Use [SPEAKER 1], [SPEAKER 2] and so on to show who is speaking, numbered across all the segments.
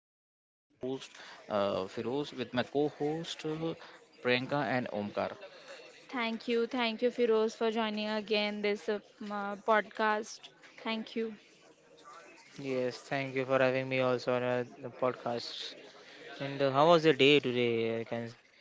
[SPEAKER 1] I am host Firoz with my co-host Priyanka and Omkar.
[SPEAKER 2] Thank you. Thank you, Firoz, for joining again this podcast. Thank you.
[SPEAKER 3] Yes, thank you for having me also on the podcast. And how was the day today? I can say.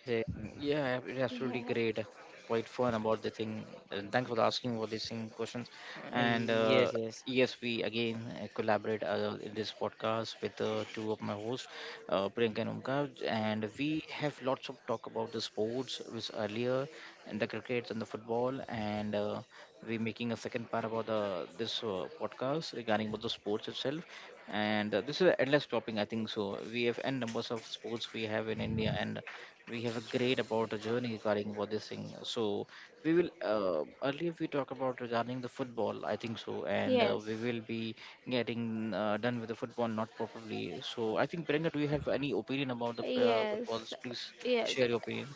[SPEAKER 1] Yeah, it's absolutely
[SPEAKER 2] Yeah.
[SPEAKER 1] great. Quite fun about the thing. And thanks for the asking for these thing questions. And
[SPEAKER 3] Yes, yes.
[SPEAKER 1] yes, we again collaborate in this podcast with two of my hosts, Priyanka and Umka, and we have lots of talk about the sports which earlier, and the crickets and the football, and we're making a second part about the this podcast regarding about the sports itself. And this is an endless topic, I think. So we have n numbers of sports we have in India, and we have a great about a journey regarding about this thing. So we will earlier we talk about regarding the football, I think so. And
[SPEAKER 2] Yes.
[SPEAKER 1] we will be getting done with the football not probably. So I think, Brenda, do you have any opinion about the
[SPEAKER 2] Yes.
[SPEAKER 1] footballs? Please
[SPEAKER 2] Yes.
[SPEAKER 1] share your opinion.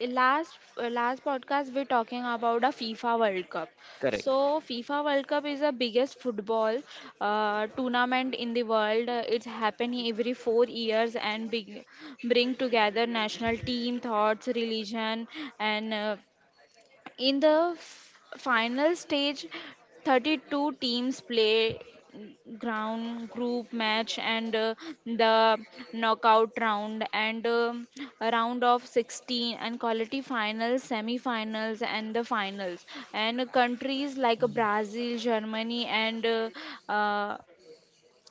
[SPEAKER 2] Last podcast we're talking about a FIFA World Cup.
[SPEAKER 1] Correct.
[SPEAKER 2] So FIFA World Cup is the biggest football tournament in the world. It's happening every 4 years and big, bring together national team, thoughts, religion, and in the final stage, 32 teams play ground group match and the knockout round and a round of 16 and quality finals, semi-finals, and the finals, and countries like Brazil, Germany, and uh,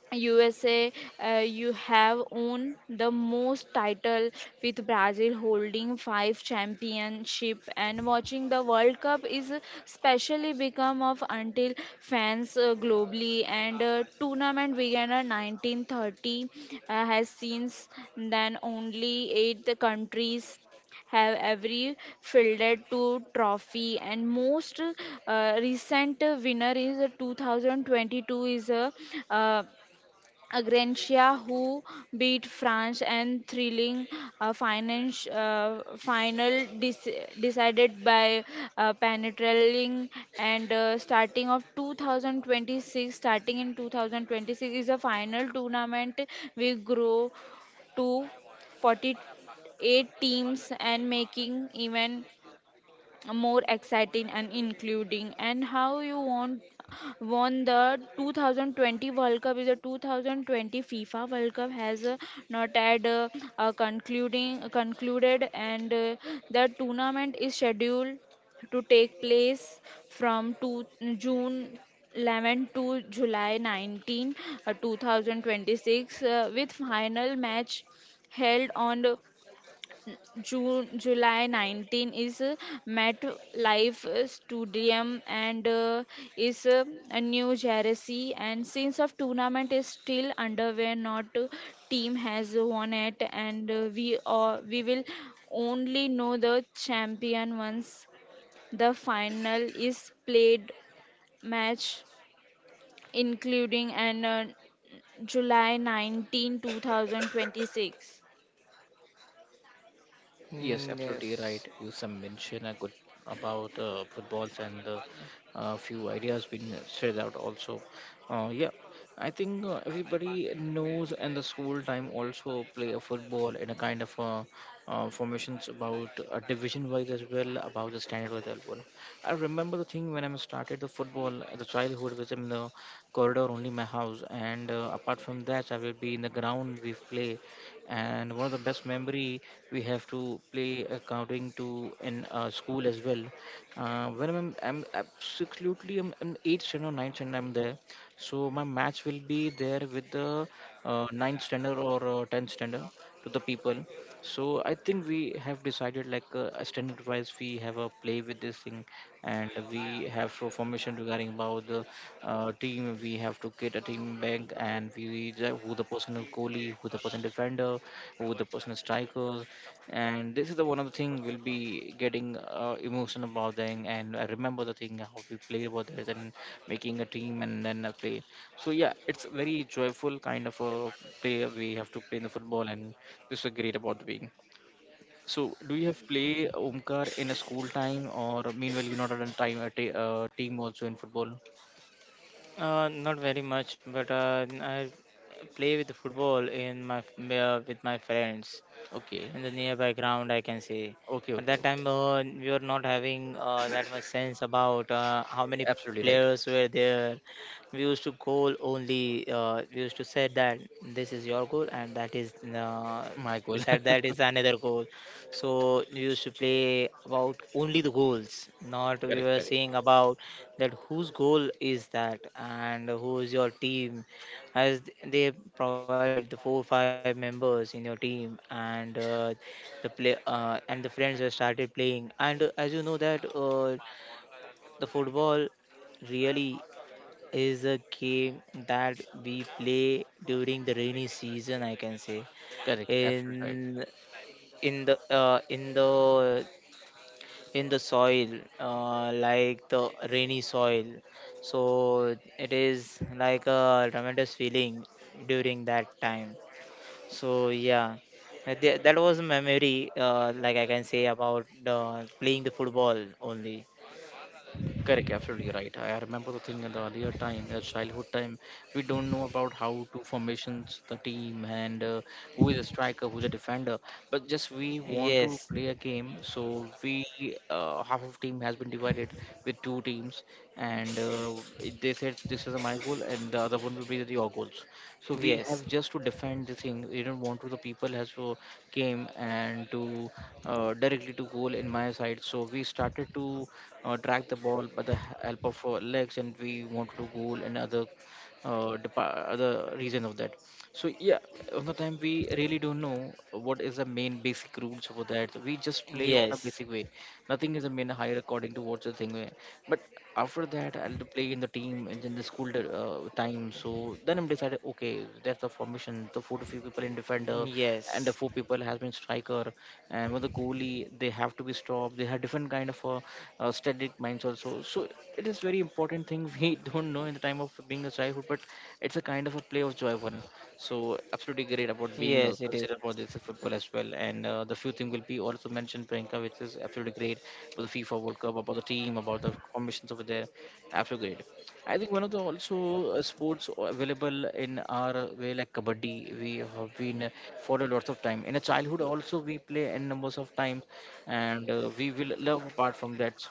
[SPEAKER 2] USA, you have won the most title, with Brazil holding five championship. And watching the World Cup is specially become of until fans globally, and tournament began in 1930, has since then only eight countries have every fielded two trophy. And most recent winner is 2022, is a uh, Agrencia, who beat France and thrilling finance, final decided by Penetraling, and starting of 2026. Starting in 2026 is a final tournament. We grow to 48 teams and making even more exciting and including, and how you want won the 2020 World Cup is a 2020 FIFA World Cup has not had concluding concluded, and the tournament is scheduled to take place from two, June 11 to July 19, 2026, with final match held on June July 19, is MetLife Stadium, and is a New Jersey, and since of tournament is still underway not team has won it, and we will only know the champion once the final is played match, including an July 19, 2026
[SPEAKER 3] Mm,
[SPEAKER 1] Yes, absolutely
[SPEAKER 3] yes.
[SPEAKER 1] right. You some mention a good about footballs and a few ideas been said out also. Yeah, I think everybody knows and the school time also play a football in a kind of formations about division wise as well about the standard wise as well. I remember the thing when I started the football, the childhood was in the corridor only my house. And apart from that I will be in the ground we play, and one of the best memory we have to play accounting to in school as well. When I'm absolutely I'm 8th standard or 9th standard I'm there, so my match will be there with the 9th standard or 10th standard to the people. So I think we have decided like a standard wise we have a play with this thing. And we have for formation regarding about the team we have to get a team back. And who the personal goalie, who the person defender, who the personal strikers. And this is the one of the thing we'll be getting emotional about them. And I remember the thing how we played about that and making a team and then a play. So yeah, it's very joyful kind of a play we have to play in the football, and this is great about being. So, do you have play Omkar in a school time or meanwhile you not on time a team also in football?
[SPEAKER 3] Not very much, but I play with the football in my with my friends.
[SPEAKER 1] Okay,
[SPEAKER 3] In the nearby ground I can see,
[SPEAKER 1] okay,
[SPEAKER 3] but
[SPEAKER 1] okay,
[SPEAKER 3] that
[SPEAKER 1] okay.
[SPEAKER 3] time we were not having that much sense about how many
[SPEAKER 1] Absolutely
[SPEAKER 3] players
[SPEAKER 1] right.
[SPEAKER 3] were there. We used to goal only, we used to say that this is your goal and that is
[SPEAKER 1] My goal.
[SPEAKER 3] beside that is another goal. So we used to play about only the goals, not we
[SPEAKER 1] correct,
[SPEAKER 3] were
[SPEAKER 1] correct,
[SPEAKER 3] saying about that whose goal is that and who is your team, as they provided the four five members in your team and the play, and the friends were started playing. And as you know that the football really is a game that we play during the rainy season, I can say.
[SPEAKER 1] correct. Absolutely right.
[SPEAKER 3] In in the uh, in the in the soil, like the rainy soil, so it is like a tremendous feeling during that time. So yeah, that was a memory. Like I can say about playing the football only.
[SPEAKER 1] Correct, absolutely right. I remember the thing in the earlier time, in the childhood time, we don't know about how to formations the team and who is a striker, who's a defender. But just we want to
[SPEAKER 3] Yes,
[SPEAKER 1] play a game, so we half of team has been divided with two teams. And they said this is my goal, and the other one will be the your goals. So we have
[SPEAKER 3] yes,
[SPEAKER 1] just to defend the thing. We don't want to the people has to came and to directly to goal in my side. So we started to drag the ball by the help of our legs, and we want to do goal and other other reason of that. So yeah, on the time we really don't know what is the main basic rules for that. We just play on a
[SPEAKER 3] yes,
[SPEAKER 1] basic way. Nothing is a main higher according to what's the thing way. But after that I'll to play in the team and then the school time. So then I'm decided, okay, that's the formation the four to five people in defender, and the
[SPEAKER 3] yes,
[SPEAKER 1] four people has been striker. And with the goalie they have to be stopped. They have different kind of static minds also. So it is very important thing we don't know in the time of being a childhood. But it's a kind of a play of joy one. So absolutely great about being
[SPEAKER 3] yes. It is.
[SPEAKER 1] considered for this football as well. And the few thing will be also mentioned Priyanka which is absolutely great for the FIFA World Cup about the team, about the formations over there. Absolutely great. I think one of the also sports available in our way like kabaddi we have been for a lot of time in a childhood also we play n numbers of times. And we will love apart from that.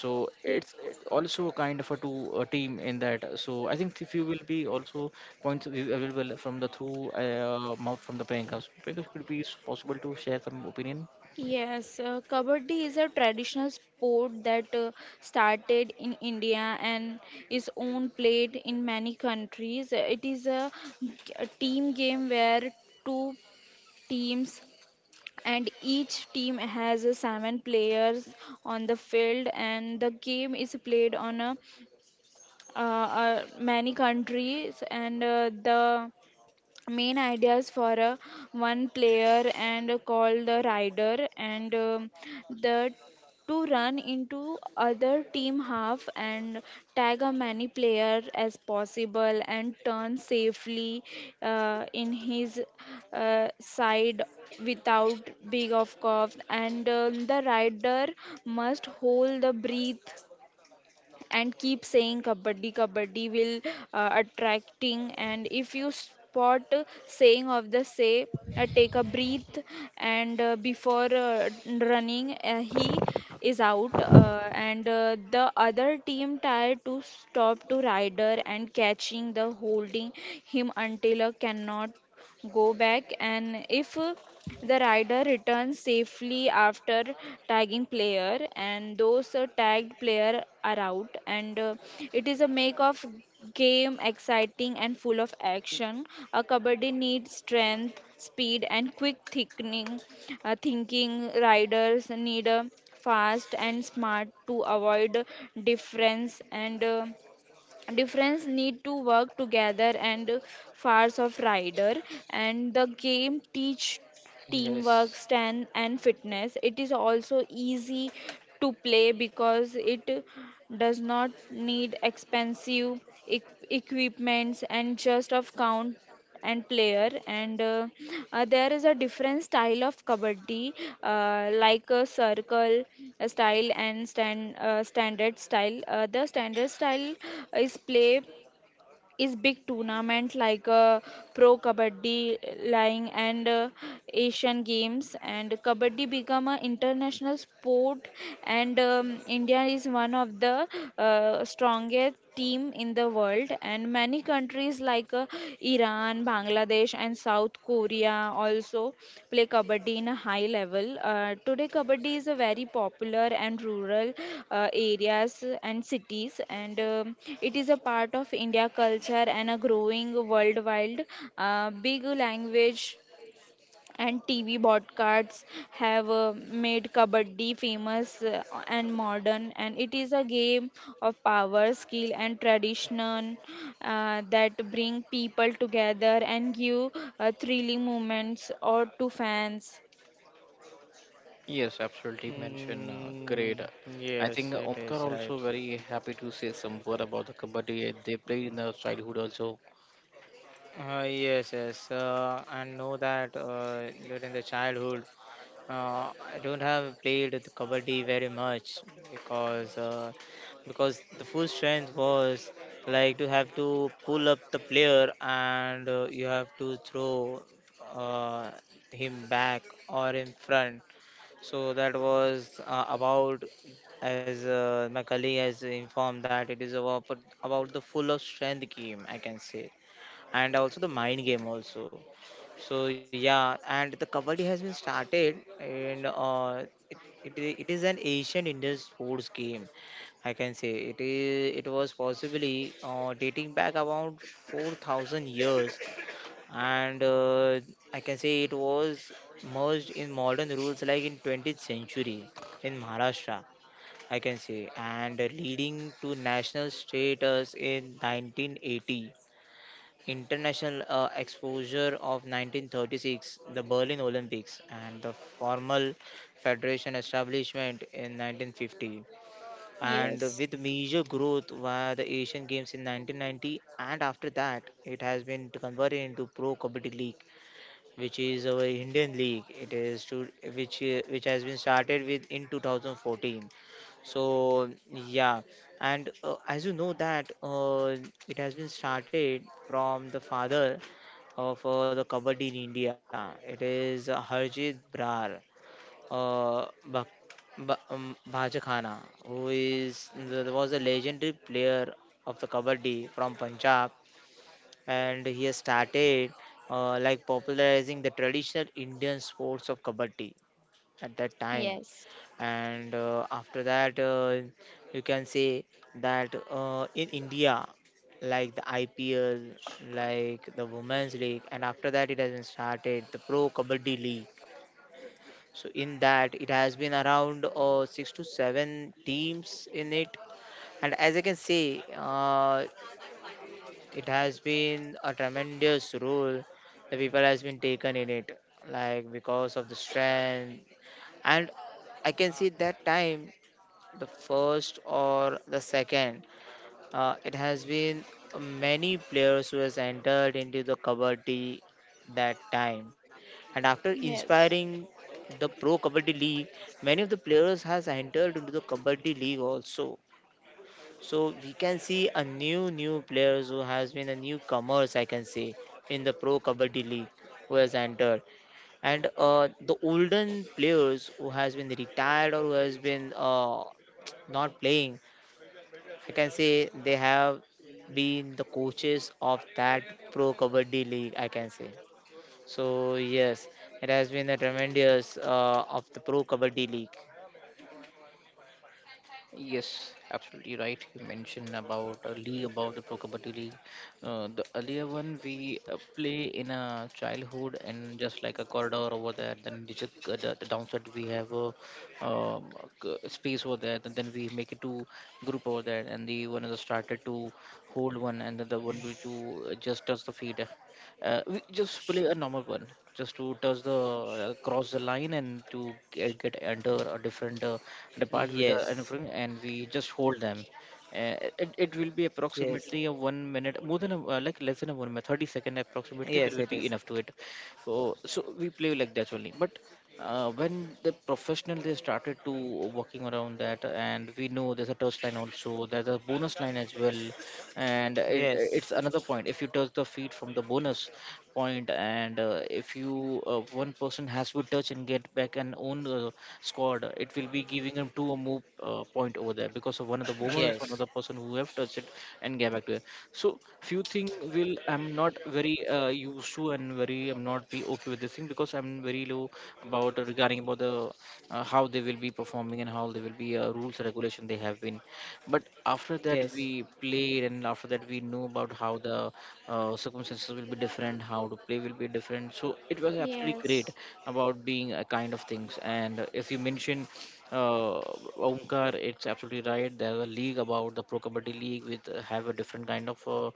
[SPEAKER 1] So it's it also kind of a two a team in that. So I think if you will be also points available from the through mouth from the playing house, could it be possible to share some opinion?
[SPEAKER 2] Yes, Kabaddi is a traditional sport that started in India and is own played in many countries. It is a team game where two teams and each team has seven players on the field, and the game is played on many countries, and the main ideas for a one player and call the rider, and the to run into other team half and tag a many player as possible and turn safely in his side without big of cough, and the rider must hold the breath and keep saying kabaddi kabaddi will attracting, and if you spot saying of the say, take a breath, and before running, he is out, and the other team tried to stop to rider and catching the holding him until cannot go back. And if the rider returns safely after tagging player, and those tagged player are out, and it is a make of game exciting and full of action. A kabaddi needs strength, speed, and quick thickening, thinking. Riders need a fast and smart to avoid difference, and difference need to work together and fars of rider, and the game teach teamwork,
[SPEAKER 3] Yes.
[SPEAKER 2] strength, and fitness. It is also easy to play because it does not need expensive equipments and just of count and player, and there is a different style of kabaddi, like a circle style and standard style. The standard style is play is big tournament like pro kabaddi lying, and Asian Games, and kabaddi become an international sport, and India is one of the strongest team in the world. And many countries like Iran, Bangladesh, and South Korea also play kabaddi in a high level. Today, kabaddi is a very popular and rural areas and cities, and it is a part of India culture and a growing worldwide big language, and TV broadcasts have made Kabaddi famous and modern, and it is a game of power, skill, and tradition that bring people together and give thrilling moments or to fans.
[SPEAKER 1] Yes, absolutely mention
[SPEAKER 3] Mm,
[SPEAKER 1] great. I
[SPEAKER 3] yes,
[SPEAKER 1] think
[SPEAKER 3] it is
[SPEAKER 1] Omkar
[SPEAKER 3] right.
[SPEAKER 1] also very happy to say some word about the kabaddi. They played in the childhood also.
[SPEAKER 3] Yes, yes. I know that during the childhood, I don't have played the kabaddi very much, because because the full strength was like to have to pull up the player and you have to throw uh, him back or in front. So that was about, as my colleague has informed, that it is about the full of strength game, I can say, and also the mind game also. So yeah, and the kabaddi has been started, and it, it is an Asian Indian sports game. I can say it is. It was possibly dating back around 4,000 years, and I can say it was merged in modern rules like in 20th century in Maharashtra. I can say, and leading to national status in 1980, international exposure of 1936, the Berlin Olympics, and the formal federation establishment in 1950, and
[SPEAKER 2] Yes.
[SPEAKER 3] with major growth via the Asian Games in 1990. And after that, it has been converted into Pro Kabaddi League, which is our Indian league. It is to which has been started with in 2014. So yeah, and as you know that it has been started from the father of the kabaddi in India. It is Harjit Brar, uh, Bak- Bhaja Khana, who is the, was a legendary player of the kabaddi from Punjab, and he has started like popularizing the traditional Indian sports of kabaddi at that time.
[SPEAKER 2] Yes,
[SPEAKER 3] And after that, you can say that in India, like the IPL, like the Women's League, and after that, it has been started the Pro Kabaddi League. So in that, it has been around six to seven teams in it. And as I can say, it has been a tremendous role the people has been taken in it, like because of the strength. And I can see that time the first or the second, it has been many players who has entered into the kabaddi that time, and after
[SPEAKER 2] yes.
[SPEAKER 3] inspiring the Pro Kabaddi League, many of the players has entered into the kabaddi league also. So we can see a new players who has been a newcomers, I can say, in the Pro Kabaddi League who has entered. And the olden players who has been retired or who has been not playing, I can say, they have been the coaches of that Pro Kabaddi League, I can say. So yes, it has been a tremendous of the Pro Kabaddi League.
[SPEAKER 1] Yes, absolutely right. You mentioned about a league, about the Pro Kabaddi League. The earlier one we play in a childhood and just like a corridor over there. Then you just, the downside we have a um, space over there. And then we make it to group over there. And the one is started to hold one, and then the one will to just touch the feet. We just play a normal one, just to touch the cross the line and to get under a different depart with the
[SPEAKER 3] Yes,
[SPEAKER 1] and we just hold them. It will be
[SPEAKER 3] yes,
[SPEAKER 1] approximately a 1 minute more than a, like less than a 1 minute 30-second approximately there
[SPEAKER 3] yes,
[SPEAKER 1] will
[SPEAKER 3] it
[SPEAKER 1] be enough
[SPEAKER 3] is.
[SPEAKER 1] to it. So so we play like that only. But when the professional they started to working around that, and we know there's a touch line also, there's a bonus line as well. And it's
[SPEAKER 3] Yes.
[SPEAKER 1] another point if you touch the feet from the bonus point. And if you one person has to touch and get back an own squad, it will be giving him two move point over there because of one of the bonus one of the
[SPEAKER 3] Yes.
[SPEAKER 1] person who have touched it and get back to it. So few thing will I'm not very used to and very I'm not be okay with this thing because I'm very low about regarding about the how they will be performing and how they will be rules regulation they have been. But after that we
[SPEAKER 3] Yes.
[SPEAKER 1] played, and after that we knew about how the circumstances will be different, how to play will be different. So it was absolutely great
[SPEAKER 2] Yes.
[SPEAKER 1] about being a kind of things. And as you mentioned uh, Omkar, it's absolutely right. There's a league about the Pro Kabaddi League with have a different kind of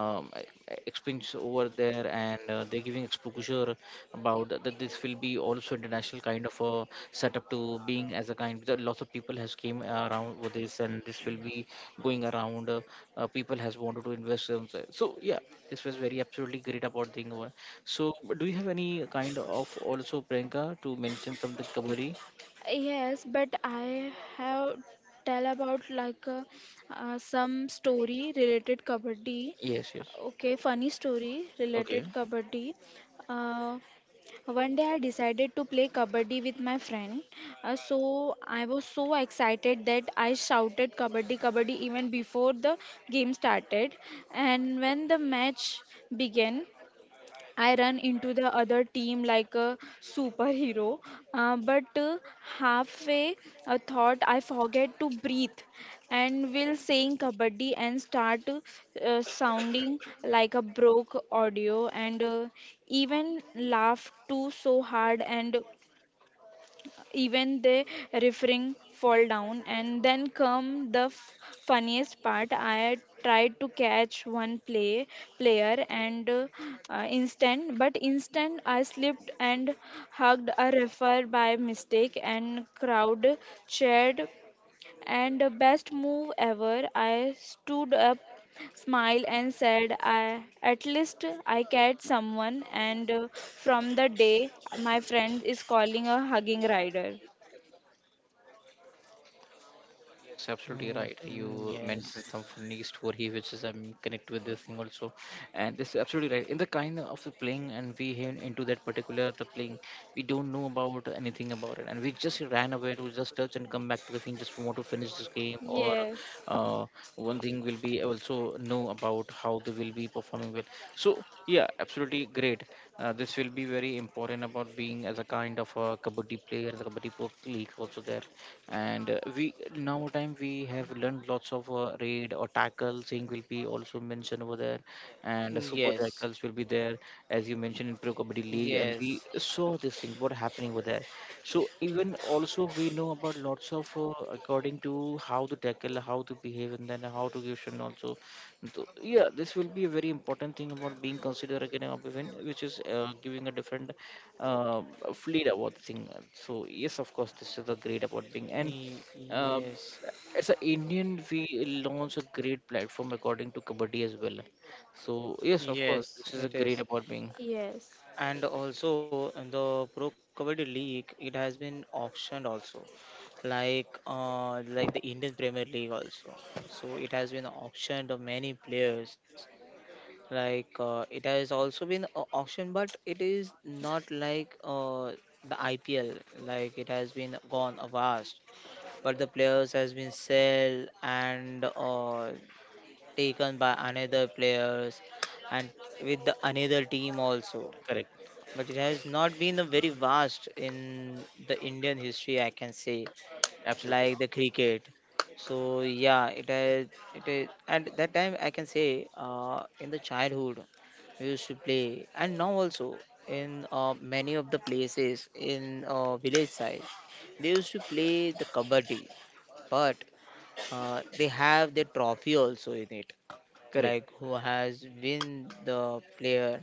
[SPEAKER 1] um, e- experience over there and they're giving exposure about that that this will be also international kind of a setup to being as a kind because lots of people has came around with this. And this will be going around people has wanted to invest in. So so, yeah, this was very absolutely great about thing over. So do you have any kind of also Priyanka to mention something Kabari?
[SPEAKER 2] Yes, but I have tell about like some story related kabaddi.
[SPEAKER 1] Yes, yes.
[SPEAKER 2] Okay, funny story
[SPEAKER 1] Okay.
[SPEAKER 2] related kabaddi. Uh, One day I decided to play kabaddi with my friend. So I was so excited that I shouted kabaddi kabaddi even before the game started. And when the match began, I run into the other team like a superhero, but halfway a thought I forget to breathe and will sing kabaddi and start sounding like a broke audio, and even laugh too so hard, and even they referring fall down, and then come the funniest part. I tried to catch one player, and instant I slipped and hugged a refer by mistake, and crowd cheered, and best move ever, I stood up, smiled, and said, I at least I catch someone. And from the day my friend is calling a hugging rider.
[SPEAKER 1] Yes, absolutely
[SPEAKER 3] Mm,
[SPEAKER 1] right.
[SPEAKER 3] mm,
[SPEAKER 1] You
[SPEAKER 3] yes.
[SPEAKER 1] mentioned some funny story, which is I'm connect with this thing also. And this is absolutely right. In the kind of the playing, and we hit into that particular the playing, we don't know about anything about it. And we just ran away to just touch and come back to the thing. Just want to finish this game, or
[SPEAKER 2] Yes,
[SPEAKER 1] uh, one thing will be also know about how they will be performing well. So yeah, absolutely great. This will be very important about being as a kind of a kabaddi player, as a league also there. And we now time we have learned lots of raid or tackle thing will be also mentioned over there.
[SPEAKER 3] Mm,
[SPEAKER 1] And
[SPEAKER 3] yes.
[SPEAKER 1] super tackles will be there as you mentioned in pro kabaddi league, and
[SPEAKER 3] Yes.
[SPEAKER 1] we saw this thing what happening over there. So even also we know about lots of according to how to tackle, how to behave, and then how to give shun also. So, yeah, this will be a very important thing about being considered again an event which is giving a different uh, fleet about the thing. So yes, of course, this is the great about being. And
[SPEAKER 3] Ye-
[SPEAKER 1] uh,
[SPEAKER 3] Yes.
[SPEAKER 1] as an Indian, we launch a great platform according to Kabaddi as well. So yes, of course, this
[SPEAKER 3] Yes,
[SPEAKER 1] is a
[SPEAKER 3] it
[SPEAKER 1] great
[SPEAKER 3] is.
[SPEAKER 1] about being.
[SPEAKER 2] yes,
[SPEAKER 3] And also in the Pro Kabaddi League, it has been auctioned also, like like the Indian Premier League also. So it has been auctioned of many players. Like it has also been auctioned, but it is not like the IPL. Like it has been gone avast, but the players has been sold and taken by another players and with the another team also.
[SPEAKER 1] Correct.
[SPEAKER 3] But it has not been a very vast in the Indian history, I can say,
[SPEAKER 1] Absolutely
[SPEAKER 3] like the cricket. So yeah, it has, it is, and that time I can say in the childhood we used to play, and now also in many of the places in village side, they used to play the kabaddi, but they have the trophy also in it,
[SPEAKER 1] correct.
[SPEAKER 3] like who has win the player,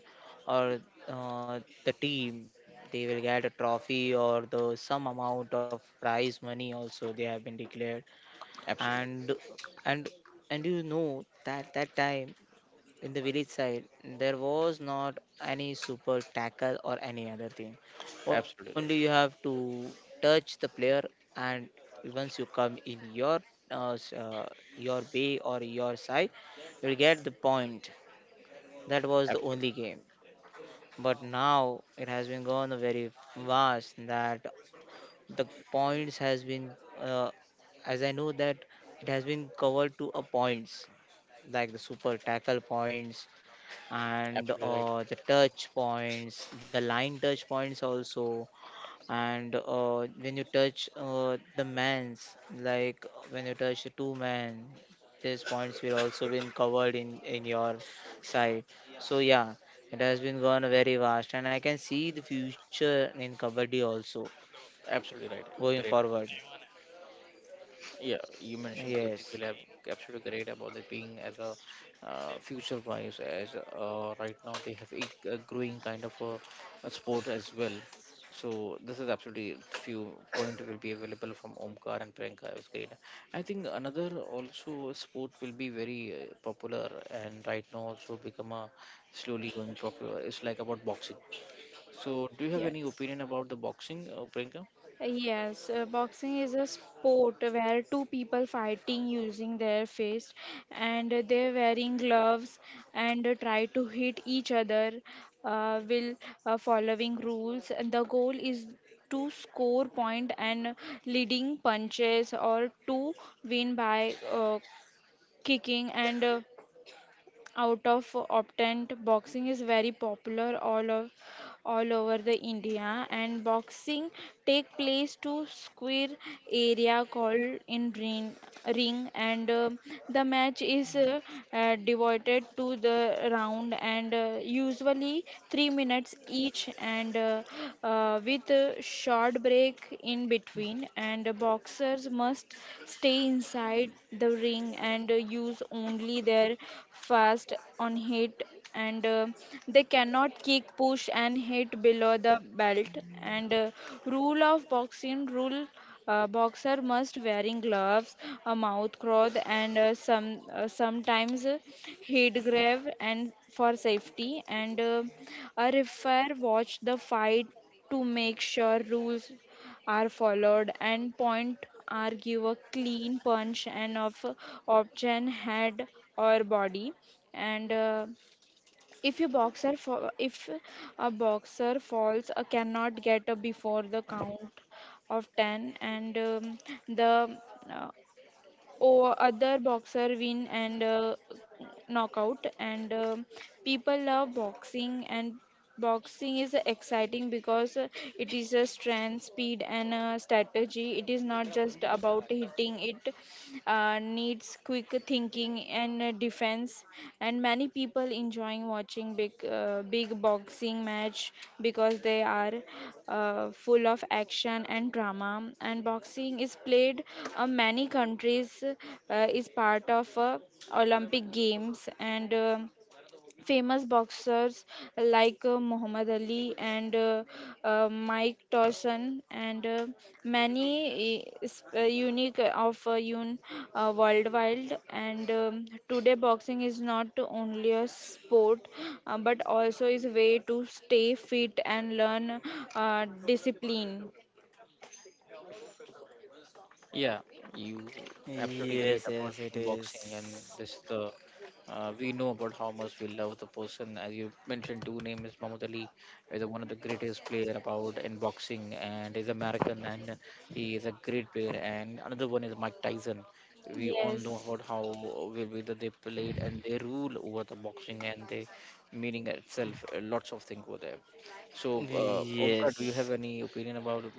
[SPEAKER 3] or the team they will get a trophy, or the some amount of prize money also they have been declared.
[SPEAKER 1] Absolutely,
[SPEAKER 3] And and and you know that that time in the village side, there was not any super tackle or any other thing.
[SPEAKER 1] absolutely right.
[SPEAKER 3] Only you have to touch the player, and once you come in your uh, s- uh, your bay or your side, you'll get the point. That was the
[SPEAKER 1] Absolutely,
[SPEAKER 3] only game. But now it has been gone very vast that the points has been, uh, as I know that, it has been covered to a points, like the super tackle points and
[SPEAKER 1] absolutely right.
[SPEAKER 3] the touch points, the line touch points also, and when you touch the man's, like when you touch the two-man, these points will also been covered in your side. So yeah, it has been gone very vast, and I can see the future in kabaddi also
[SPEAKER 1] Absolutely right.
[SPEAKER 3] going
[SPEAKER 1] Great.
[SPEAKER 3] forward.
[SPEAKER 1] Yeah, you mentioned Fyotik
[SPEAKER 3] Yes.
[SPEAKER 1] will have absolutely great about it being as a future wise as right now they have a growing kind of a sport as well. So this is absolutely few point will be available from Omkar and Priyanka is great. I think another also sport will be very popular and right now also become a slowly going popular. It's like about boxing. So do you have any
[SPEAKER 2] yes.
[SPEAKER 1] opinion about the boxing, Priyanka?
[SPEAKER 2] Yes. Boxing is a sport where two people fighting using their fists and they're wearing gloves and try to hit each other while following rules. And the goal is to score point and leading punches, or to win by kicking and out of optent. Boxing is very popular all over the India, and boxing take place to square area called in ring, and the match is devoted to the round, and usually 3 minutes each, and with a short break in between, and boxers must stay inside the ring and use only their fast on hit, and they cannot kick, push, and hit below the belt, and rule of boxing rule. Boxer must wearing gloves, a mouth cloth, and sometimes head grave and for safety, and a referee watch the fight to make sure rules are followed, and point are give a clean punch and of option head or body, and if a boxer falls, cannot get up before the count of 10, and the uh, other boxer win and knockout. And people love boxing, and boxing is exciting because it is a strength, speed, and strategy. It is not just about hitting, it needs quick thinking and defense. And many people enjoying watching big boxing match because they are full of action and drama. And boxing is played many countries, is part of Olympic Games, and famous boxers like Muhammad Ali and Mike Tyson, and many unique of un worldwide, and today boxing is not only a sport but also is a way to stay fit and learn discipline.
[SPEAKER 1] Yeah, you absolutely
[SPEAKER 3] Yes,
[SPEAKER 1] great
[SPEAKER 3] yes,
[SPEAKER 1] about
[SPEAKER 3] it
[SPEAKER 1] being boxing, and
[SPEAKER 3] is.
[SPEAKER 1] this is the we know about how much we love the person. As you mentioned, two name is Muhammad Ali, is one of the greatest player about in boxing, and is American, and he is a great player. And another one is Mike Tyson. We all know
[SPEAKER 2] Yes,
[SPEAKER 1] about how will be that they played and they rule over the boxing and they meaning itself lots of things over there. So, Omkar, do you have
[SPEAKER 3] Yes.
[SPEAKER 1] any opinion about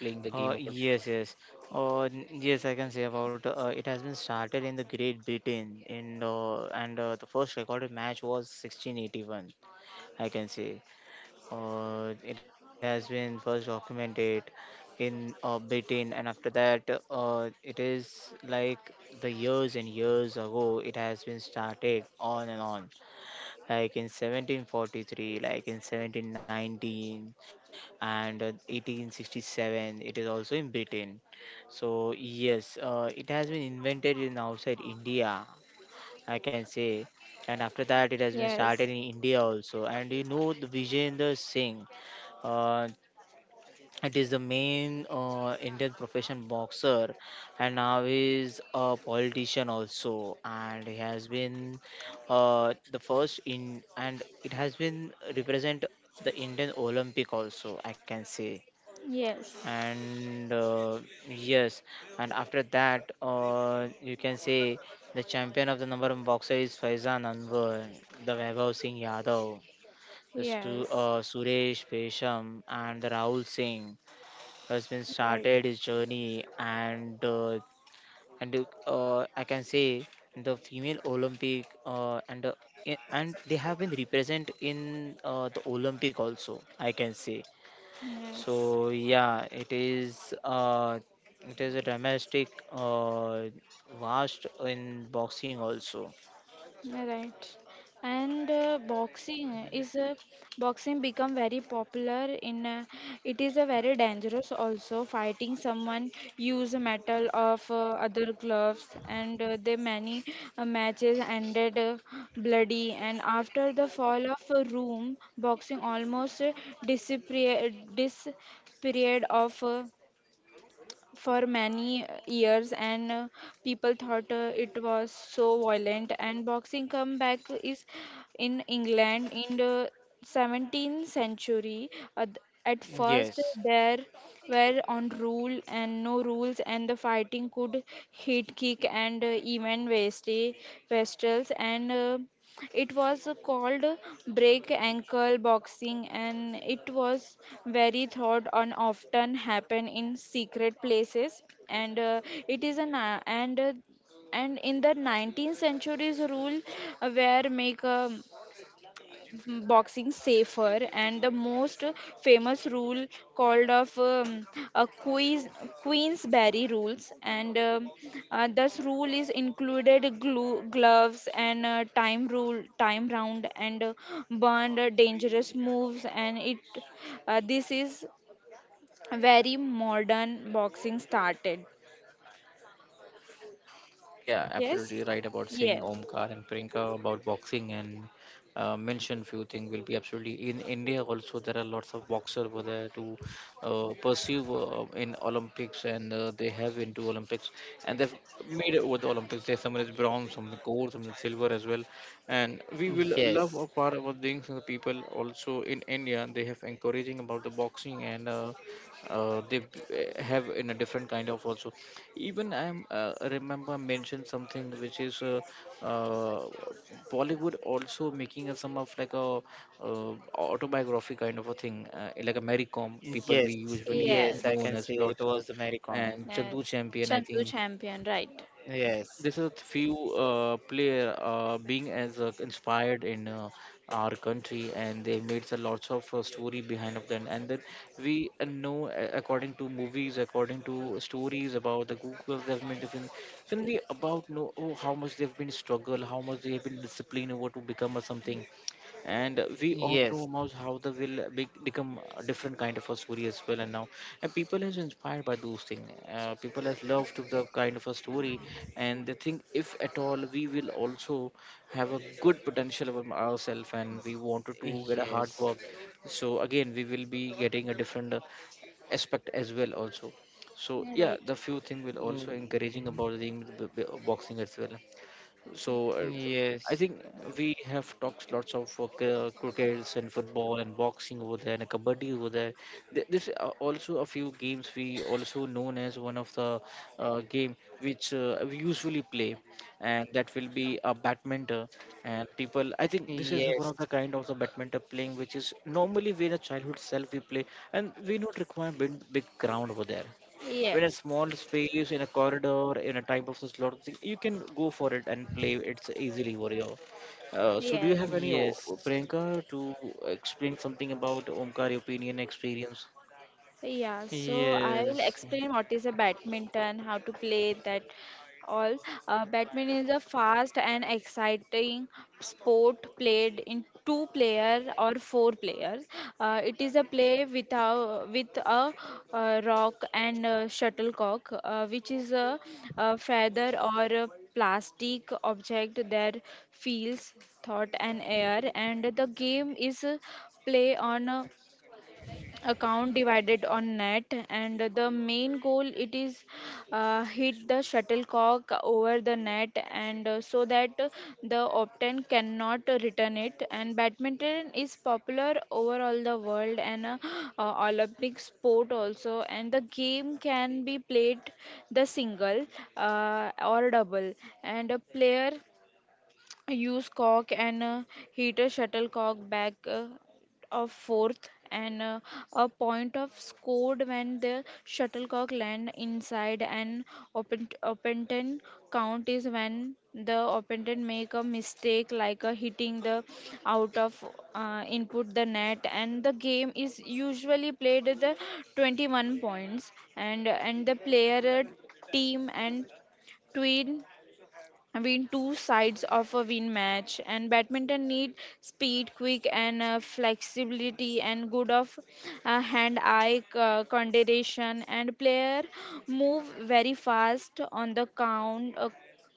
[SPEAKER 1] playing the game of boxing?
[SPEAKER 3] Yes, yes. Yes, I can say about it has been started in the Great Britain in and the first recorded match was 1681. I can say it has been first documented in Britain, and after that, it is like the years and years ago it has been started on and on, like in 1743, like in 1719, and 1867, it is also in Britain. So yes, it has been invented in outside India, I can say, and after that it has been started
[SPEAKER 2] yes,
[SPEAKER 3] in India also. And you know the Vijayender Singh, uh, it is the main Indian profession boxer, and now is a politician also, and he has been the first in, and it has been represent the Indian Olympic also, I can say.
[SPEAKER 2] yes,
[SPEAKER 3] And yes, and after that, you can say the champion of the number one boxer is Faizan Anwar, the Vaibhav Singh Yadav, the
[SPEAKER 2] yes.
[SPEAKER 3] Suresh Pesham, and the Rahul Singh. Husband
[SPEAKER 2] Right.
[SPEAKER 3] started his journey, and I can say the female Olympic and they have been represent in the Olympic also, I can say.
[SPEAKER 2] Yes.
[SPEAKER 3] So yeah, it is a domestic vast in boxing also.
[SPEAKER 2] Right. And boxing become very popular in. It is a very dangerous also fighting someone use metal of other gloves, and the many matches ended bloody, and after the fall of a room boxing almost disappeared of, for many years, and people thought it was so violent, and boxing comeback is in England in the 17th century. At at first,
[SPEAKER 3] Yes.
[SPEAKER 2] there were on rule and no rules, and the fighting could hit, kick, and even waste vestals, and it was called break ankle boxing, and it was very thought and often happen in secret places, and it is an and in the 19th centuries rule, where make boxing safer, and the most famous rule called of a Queensberry rules, and this rule is included glue, gloves, and time rule, time round, and banned dangerous moves, and it this is very modern boxing started.
[SPEAKER 1] Yeah, absolutely
[SPEAKER 2] Yes.
[SPEAKER 1] right about saying
[SPEAKER 2] Yes.
[SPEAKER 1] Omkar and Priyanka about boxing, and mention few things will be absolutely in India also there are lots of boxer over there to pursue in Olympics, and they have into Olympics, and they've made it over the Olympics. There's someone is bronze, some the gold, some the silver as well. And we will love our
[SPEAKER 3] Yes.
[SPEAKER 1] part about things and the people also in India. They have encouraging about the boxing, and they have in a different kind of also. Even I'm remember mentioned something which is uh, Bollywood also making a some of like a uh, autobiography kind of a thing like a Mary Com, people
[SPEAKER 3] Yes.
[SPEAKER 1] we usually
[SPEAKER 3] Yes, I
[SPEAKER 2] Yes.
[SPEAKER 1] known
[SPEAKER 3] can
[SPEAKER 1] as
[SPEAKER 3] say it
[SPEAKER 1] lots of,
[SPEAKER 3] was the Mary Kom.
[SPEAKER 1] and
[SPEAKER 2] Yes.
[SPEAKER 1] Chandu Champion, I
[SPEAKER 2] Chandu
[SPEAKER 1] think.
[SPEAKER 2] champion, right.
[SPEAKER 3] Yes.
[SPEAKER 1] This is a few player being as inspired in our country, and they made a lots of story behind of them. And then we know, according to movies, according to stories about the google, they've made different. Then we about know, oh, how much they've been struggle, how much they've been disciplined over to become a something. And we all know
[SPEAKER 3] Yes.
[SPEAKER 1] about how the will be, become a different kind of a story as well, and now, and people is inspired by those things. People has loved the kind of a story, and they think if at all we will also have a good potential about ourselves and we wanted to get a hard work.
[SPEAKER 3] Yes.
[SPEAKER 1] So again, we will be getting a different aspect as well also. So yeah,
[SPEAKER 2] Right.
[SPEAKER 1] the few thing will
[SPEAKER 3] Mm,
[SPEAKER 1] also encouraging about the boxing as well. So I
[SPEAKER 3] yes,
[SPEAKER 1] think we have talked lots of crickets and football and boxing over there and kabaddi over there. This are also a few games we also known as one of the game which we usually play, and that will be a badminton. And people, I think this is one
[SPEAKER 3] yes,
[SPEAKER 1] of the kind of the badminton playing which is normally we in a childhood self we play, and we not require big, big ground over there when a
[SPEAKER 2] Yes.
[SPEAKER 1] small space in a corridor in a type of such lot of thing you can go for it and play it's easily warrior. So do you
[SPEAKER 2] Yes.
[SPEAKER 1] have any
[SPEAKER 3] yes,
[SPEAKER 1] Priyanka to explain something about Omkar opinion experience.
[SPEAKER 2] Yeah, so I will
[SPEAKER 3] yes,
[SPEAKER 2] explain what is a badminton, how to play that all. Badminton is a fast and exciting sport played in two player or four players. It is a play without with a rock and shuttlecock, which is a feather or a plastic object that feels thought and air, and the game is play on account divided on net, and the main goal it is hit the shuttlecock over the net, and so that the opponent cannot return it. And badminton is popular over all the world, and Olympic sport also, and the game can be played the single or double, and a player use cock and hit a shuttlecock back of fourth, and a point of scored when the shuttlecock land inside an open opponent count is when the opponent make a mistake like a hitting the out of input the net. And the game is usually played at the 21 points, and the player team and twin win two sides of a win match. And badminton need speed quick and flexibility and good of hand eye coordination, and player move very fast on the count uh,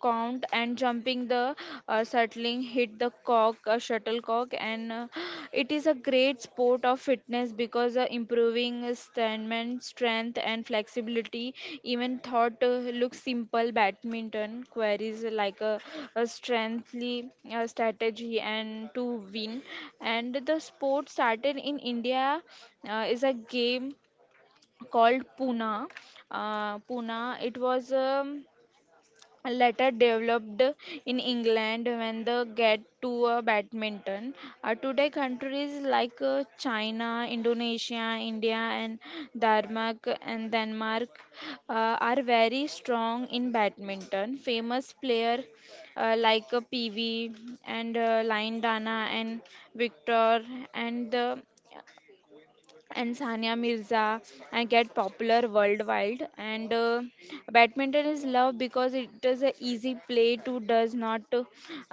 [SPEAKER 2] count and jumping the settling hit the cock shuttlecock, and it is a great sport of fitness because improving stamina, strength, and flexibility. Even thought looks simple, badminton queries like a strengthly strategy and to win. And the sport started in India, is a game called Puna. Puna. It was. Later developed in England when they get to badminton. Today, countries like China, Indonesia, India, and Denmark uh, are very strong in badminton. Famous player like PV and Lindana and Victor and the and Sania Mirza, and get popular worldwide. And badminton is loved because it is an easy play to does not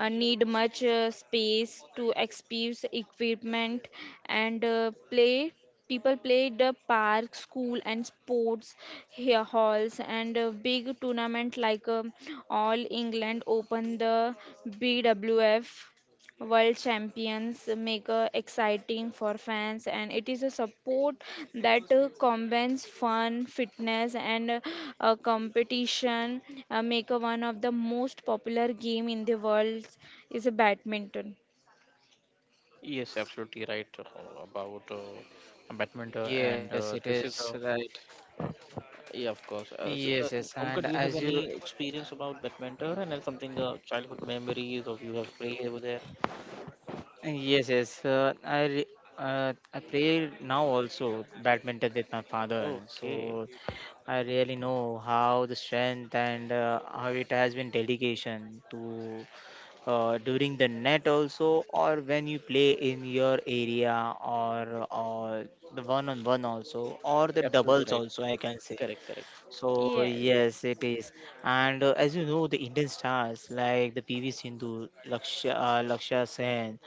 [SPEAKER 2] need much space to expose equipment and play. People play the park, school, and sports here halls, and big tournament like All England Open, the BWF world champions make exciting for fans, and it is a support that combines fun fitness and competition make one of the most popular game in the world is a badminton.
[SPEAKER 1] Yes, absolutely right about badminton,
[SPEAKER 3] yes,
[SPEAKER 1] and
[SPEAKER 3] it is
[SPEAKER 1] this is a,
[SPEAKER 3] right.
[SPEAKER 1] yeah, of course.
[SPEAKER 3] Yes,
[SPEAKER 1] So,
[SPEAKER 3] yes, and
[SPEAKER 1] Omkar, do
[SPEAKER 3] as
[SPEAKER 1] you have
[SPEAKER 3] you,
[SPEAKER 1] any experience about badminton and then something childhood memories of you have played over there?
[SPEAKER 3] yes, yes, uh, I, re- I play now also badminton with my father,
[SPEAKER 1] Okay.
[SPEAKER 3] so I really know how the strength and how it has been dedication to during the net also, or when you play in your area, or or the one on one also, or the
[SPEAKER 1] Absolutely
[SPEAKER 3] doubles
[SPEAKER 1] right,
[SPEAKER 3] also, I can say.
[SPEAKER 1] correct, correct.
[SPEAKER 3] So
[SPEAKER 2] Yes,
[SPEAKER 3] yes, it is. And as you know, the Indian stars like the PV Sindhu, Lakshya Lakshya Sen,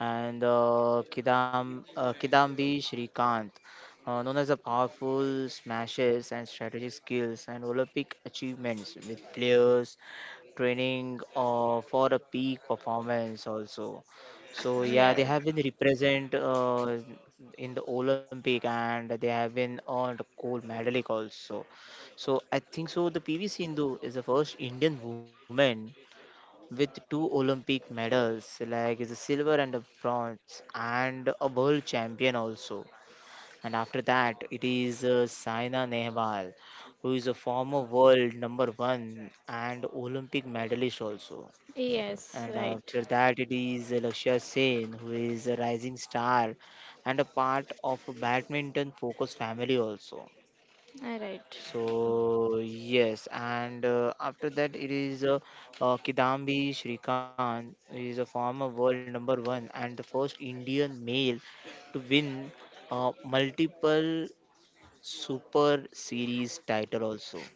[SPEAKER 3] and Kidambi Shrikant, known as the powerful smashes and strategic skills and Olympic achievements, with players training for a peak performance also. So yeah, they
[SPEAKER 2] yes,
[SPEAKER 3] have been represent in the Olympic, and they have been earned gold medalic also. So I think so. The PV Sindhu is the first Indian woman with two Olympic medals, like is a silver and a bronze, and a world champion also. And after that, it is Saina Nehwal, who is a former world number one and Olympic medalist also.
[SPEAKER 2] yes,
[SPEAKER 3] And
[SPEAKER 2] right,
[SPEAKER 3] after that, it is Lakshya Sen, who is a rising star and a part of a badminton focused family also.
[SPEAKER 2] right.
[SPEAKER 3] So yes, and after that, it is Kidambi Shrikant, who is a former world number one and the first Indian male to win multiple super series title also.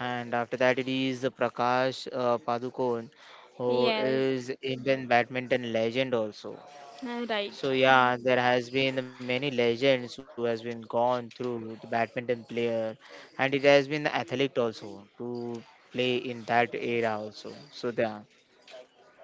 [SPEAKER 3] And after that, it is Prakash Padukone, who
[SPEAKER 2] Yes,
[SPEAKER 3] is Indian badminton legend also.
[SPEAKER 2] right.
[SPEAKER 3] So yeah, there has been many legends who has been gone through the badminton player, and it has been the athlete also to play in that era also. So yeah,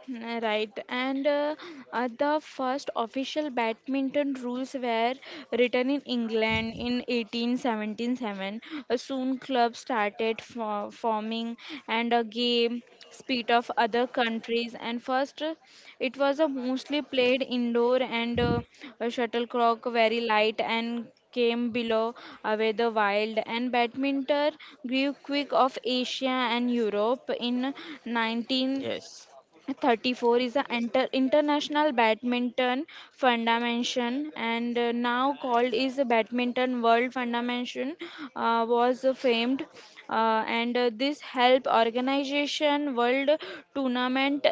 [SPEAKER 2] Mm, right, and the first official badminton rules were written in England in 1877. Soon, clubs started for forming, and a game split of other countries. And first, it was mostly played indoor, and shuttlecock very light and came below were the wild, and badminton grew quick of Asia and Europe in 19
[SPEAKER 3] Yes.
[SPEAKER 2] 34 is the inter- international badminton foundation, and now called is the badminton world foundation was famed, and this help organization world tournament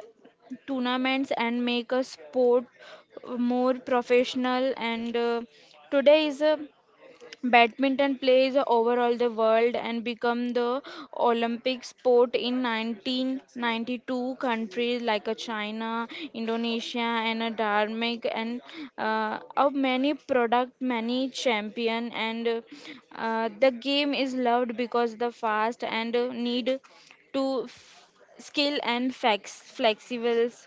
[SPEAKER 2] tournaments and make a sport more professional, and today is a badminton plays overall the world and become the Olympic sport in 1992. Countries like China, Indonesia, and Denmark, and of many product, many champion. And the game is loved because the fast and need to f- skill and flex flexibles.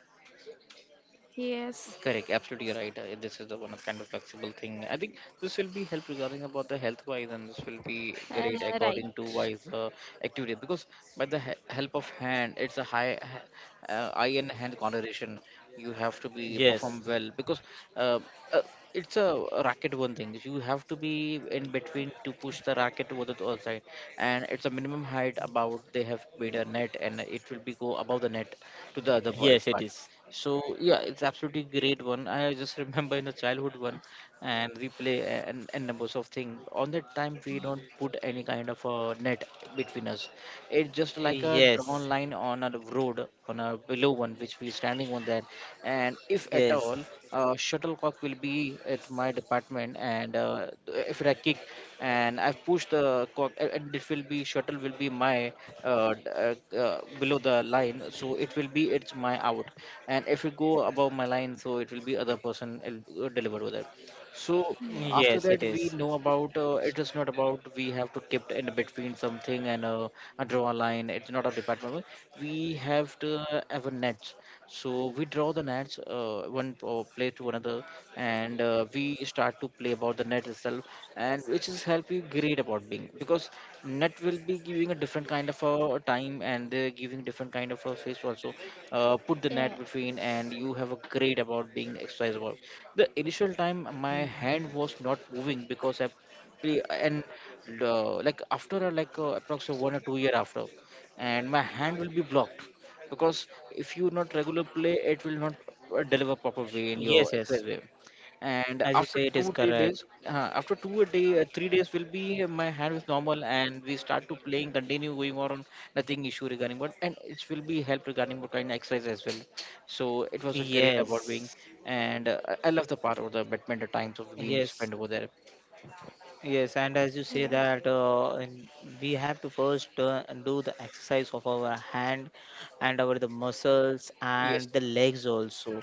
[SPEAKER 2] Yes,
[SPEAKER 1] Correct, absolutely right. This is the one of kind of flexible thing. I think this will be help regarding about the health wise, and this will be
[SPEAKER 2] uh,
[SPEAKER 1] great
[SPEAKER 2] right.
[SPEAKER 1] according to wise activity because by the help of hand, it's a high eye and hand coordination. You have to be
[SPEAKER 3] Yes.
[SPEAKER 1] perform well because uh, uh, it's a racket one thing. You have to be in between to push the racket over the other side, and it's a minimum height about they have made a net, and it will be go above the net to the other
[SPEAKER 3] Yes, it
[SPEAKER 1] part.
[SPEAKER 3] is.
[SPEAKER 1] So yeah, it's absolutely great one. I just remember in the childhood one, and we play, and numbers of things. On that time, we don't put any kind of a net between us. It's just like a
[SPEAKER 3] Yes.
[SPEAKER 1] drawn line on a road on a below one which we standing on there, and if at all,
[SPEAKER 3] Yes.
[SPEAKER 1] shuttlecock will be at my department, and if I kick and I push the cock, and it will be shuttle will be my below the line, so it will be it's my out. And if it go above my line, so it will be other person will deliver with it. So
[SPEAKER 2] Yeah.
[SPEAKER 1] after
[SPEAKER 3] Yes, it
[SPEAKER 1] that, we
[SPEAKER 3] is.
[SPEAKER 1] know about it is not about we have to keep in between something, and draw a line. It's not a department. We have to have a net. So we draw the nets, one place to another, and we start to play about the net itself, and which is help you great about being because net will be giving a different kind of a time, and they're giving different kind of a face also. Put the
[SPEAKER 2] Yeah.
[SPEAKER 1] net between, and you have a great about being exercise about the initial time my hand was not moving because I play. And like after like approximately 1 or 2 year after, and my hand will be blocked because if you not regular play, it will not deliver proper way in
[SPEAKER 3] Yes,
[SPEAKER 1] your
[SPEAKER 3] yes.
[SPEAKER 1] exercise way. And
[SPEAKER 3] As you say,
[SPEAKER 1] after
[SPEAKER 3] it is
[SPEAKER 1] two three
[SPEAKER 3] correct.
[SPEAKER 1] days after two a day, 3 days will be my hand is normal, and we start to playing continue going on. Nothing issue regarding, but and it will be help regarding what kind of exercise as well. So it was a great about being,
[SPEAKER 3] Yes,
[SPEAKER 1] and I love the part of the badminton times of we need to
[SPEAKER 3] yes,
[SPEAKER 1] spend over there.
[SPEAKER 3] yes. And as you say
[SPEAKER 2] Yeah.
[SPEAKER 3] that, we have to first do the exercise of our hand and our the muscles
[SPEAKER 1] Yes,
[SPEAKER 3] and the legs also,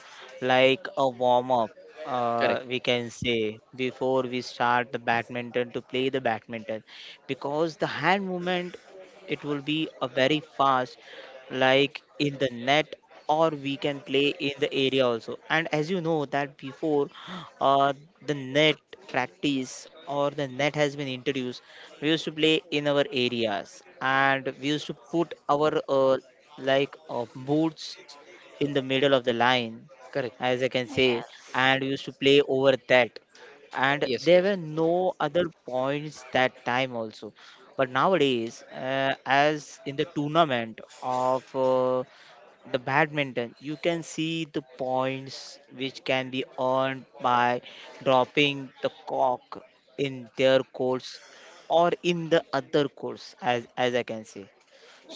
[SPEAKER 3] like a warm up.
[SPEAKER 1] correct,
[SPEAKER 3] We can say before we start the badminton to play the badminton, because the hand movement it will be a very fast like in the net or we can play in the area also. And as you know that before uh, the net practice or the net has been introduced, we used to play in our areas and we used to put our boots in the middle of the line,
[SPEAKER 1] correct.
[SPEAKER 3] as I can say,
[SPEAKER 2] Yes.
[SPEAKER 3] and we used to play over that. And
[SPEAKER 1] Yes,
[SPEAKER 3] there
[SPEAKER 1] yes,
[SPEAKER 3] were no other points that time also, but nowadays as in the tournament of the badminton you can see the points which can be earned by dropping the cock in their course or in the other course, as I can say.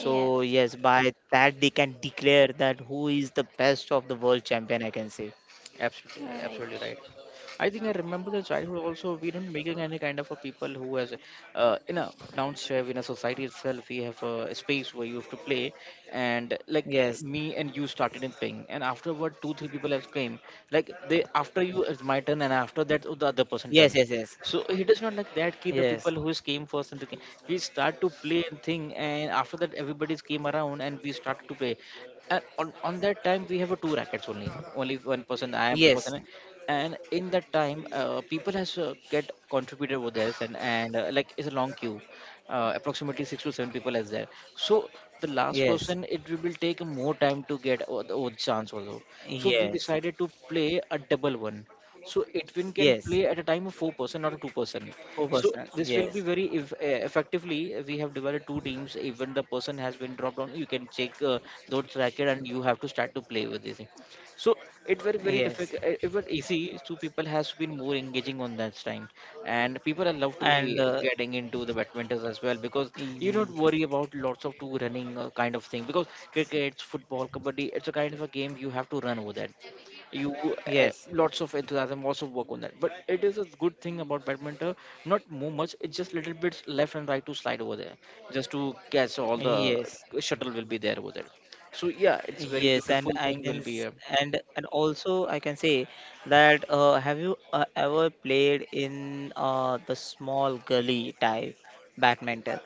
[SPEAKER 3] So yes, by that they can declare that who is the best of the world champion, I can say.
[SPEAKER 1] absolutely, right,
[SPEAKER 2] Yeah, right.
[SPEAKER 1] absolutely right. I think I remember the childhood also. We didn't make any kind of a people who has, in a downstairs in a society itself. We have a space where you have to play, and like
[SPEAKER 3] Yes
[SPEAKER 1] me and you started in playing, and afterward two three people else came. Like, they after you it's my turn, and after that oh, the other person
[SPEAKER 3] yes,
[SPEAKER 1] turn.
[SPEAKER 3] yes,
[SPEAKER 1] So it is not like that kid, the
[SPEAKER 3] yes,
[SPEAKER 1] people who is came first and the game. We start to play and thing, and after that everybody's came around and we started to play. And on that time we have a two rackets only. Only one person, I am the
[SPEAKER 3] yes,
[SPEAKER 1] person,
[SPEAKER 3] yes,
[SPEAKER 1] and in that time people has get contributed over there, and like it's a long queue. Approximately six to seven people is there. So the last
[SPEAKER 3] yes,
[SPEAKER 1] person it will take more time to get the odd chance also. So we
[SPEAKER 3] yes,
[SPEAKER 1] decided to play a double one, so it can
[SPEAKER 3] yes,
[SPEAKER 1] play at a time of four person, not a two person.
[SPEAKER 3] four
[SPEAKER 1] So
[SPEAKER 3] percent
[SPEAKER 1] this will be
[SPEAKER 3] yes,
[SPEAKER 1] very if, effectively, we have divided two teams. Even the person has been dropped on, you can check those racket and you have to start to play with this thing. So it was very
[SPEAKER 3] yes,
[SPEAKER 1] difficult, it was easy, so people has been more engaging on that time. And people are love to be
[SPEAKER 3] and
[SPEAKER 1] getting into the badmintons as well because you don't
[SPEAKER 3] y-
[SPEAKER 1] worry about lots of two running kind of thing because cricket, football, kabaddi, it's a kind of a game you have to run over that. You
[SPEAKER 3] yes,
[SPEAKER 1] lots of enthusiasm, lots of work on that, but it is a good thing about badminton, not more much. It's just little bits left and right to slide over there, just to catch all the
[SPEAKER 3] yes.
[SPEAKER 1] shuttle will be there over there. So yeah, it's very
[SPEAKER 3] Yes, and
[SPEAKER 1] beautiful thing will be
[SPEAKER 3] and also I can say that, have you ever played in the small gully type badminton?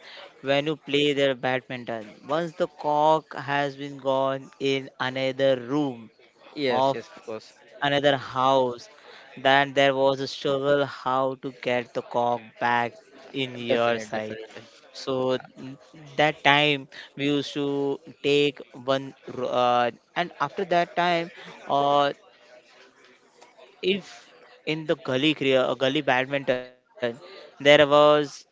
[SPEAKER 3] When you play their badminton, once the cock has been gone in another room
[SPEAKER 1] yes,
[SPEAKER 3] of
[SPEAKER 1] yes, of course.
[SPEAKER 3] another house. Then there was a struggle how to get the cock back in your
[SPEAKER 1] Definitely,
[SPEAKER 3] side.
[SPEAKER 1] definitely.
[SPEAKER 3] So n- that time we used to take one, and after that time, uh, if in the gully badminton, there was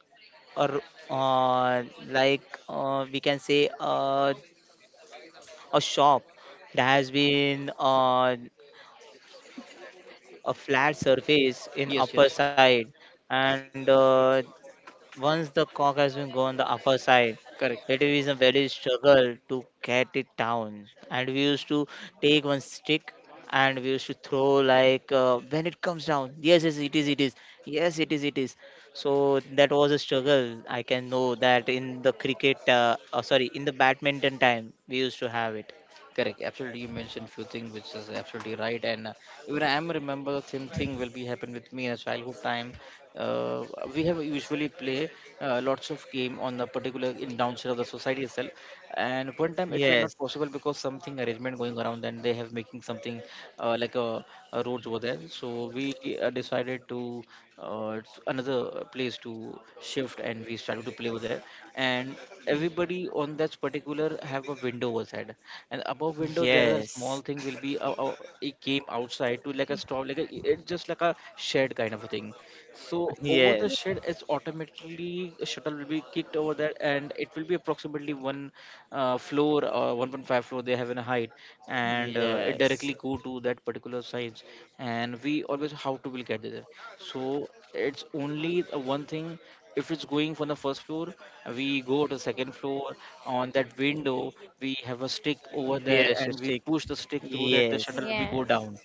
[SPEAKER 3] a r- uh, like, we can say a shop that has been a flat surface in
[SPEAKER 1] Yes,
[SPEAKER 3] upper
[SPEAKER 1] yes.
[SPEAKER 3] side. And once the cock has been gone the upper side,
[SPEAKER 1] Correct.
[SPEAKER 3] it is a very struggle to get it down, and we used to take one stick and we used to throw, like, when it comes down. Yes, yes, it is, it is. Yes, it is, it is. So that was a struggle, I can know that in the cricket, sorry, in the badminton time we used to have it.
[SPEAKER 1] Correct. Absolutely, you mentioned few things which is absolutely right, and even I am remember the same thing will be happen with me in a childhood time. Uh, we have usually play lots of game on the particular in downside of the society itself, and one time it will not
[SPEAKER 3] Yes,
[SPEAKER 1] possible because something arrangement going around, and they have making something like a roads were there. So we decided to another place to shift, and we started to play over there. And everybody on that particular have a window was had, and above window there is a
[SPEAKER 3] yes,
[SPEAKER 1] small thing will be a, it came outside to like a stop, like a, it just like a shed kind of a thing. So over the
[SPEAKER 3] yes,
[SPEAKER 1] shed, it's automatically a shuttle will be kicked over there, and it will be approximately one floor or 1.5 floor they have in a height, and it directly
[SPEAKER 3] yes.
[SPEAKER 1] go to that particular size. And we always how to will get there. So it's only the one thing. If it's going from the first floor, we go to second floor. On that window, we have a stick over there,
[SPEAKER 3] Yes,
[SPEAKER 1] and we
[SPEAKER 3] Shastik.
[SPEAKER 1] push the stick through that the
[SPEAKER 3] Yes,
[SPEAKER 1] shuttle
[SPEAKER 2] Ye-
[SPEAKER 1] will be go
[SPEAKER 2] yes,
[SPEAKER 1] down,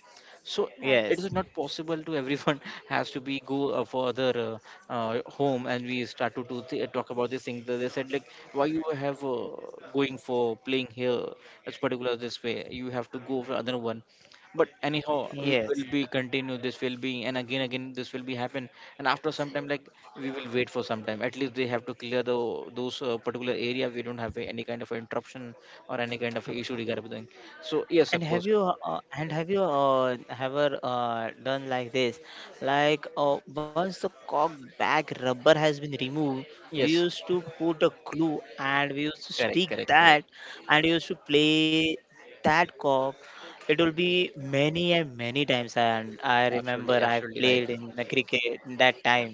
[SPEAKER 1] so
[SPEAKER 2] right.
[SPEAKER 1] it
[SPEAKER 3] yes,
[SPEAKER 1] is not possible to everyone has to be go for other home. And we start to do talk about this thing. They said like, why you have going for playing here as particular this way, you have to go for other one, but anyhow we
[SPEAKER 3] yes.
[SPEAKER 1] will be continue this will be, and again this will be happen. And after some time, like, we will wait for some time, at least they have to clear the those particular area, we don't have any kind of interruption or any kind of issue regarding. So yes, of
[SPEAKER 3] And have
[SPEAKER 1] course.
[SPEAKER 3] you ever done like this? Like, once the cock back rubber has been removed, we
[SPEAKER 1] Yes,
[SPEAKER 3] used to put a glue and we used to stick
[SPEAKER 1] correct, correct,
[SPEAKER 3] that
[SPEAKER 1] correct.
[SPEAKER 3] and used to play that cock. It will be many and many times. And I remember
[SPEAKER 1] Absolutely,
[SPEAKER 3] I
[SPEAKER 1] absolutely right.
[SPEAKER 3] played in the cricket that time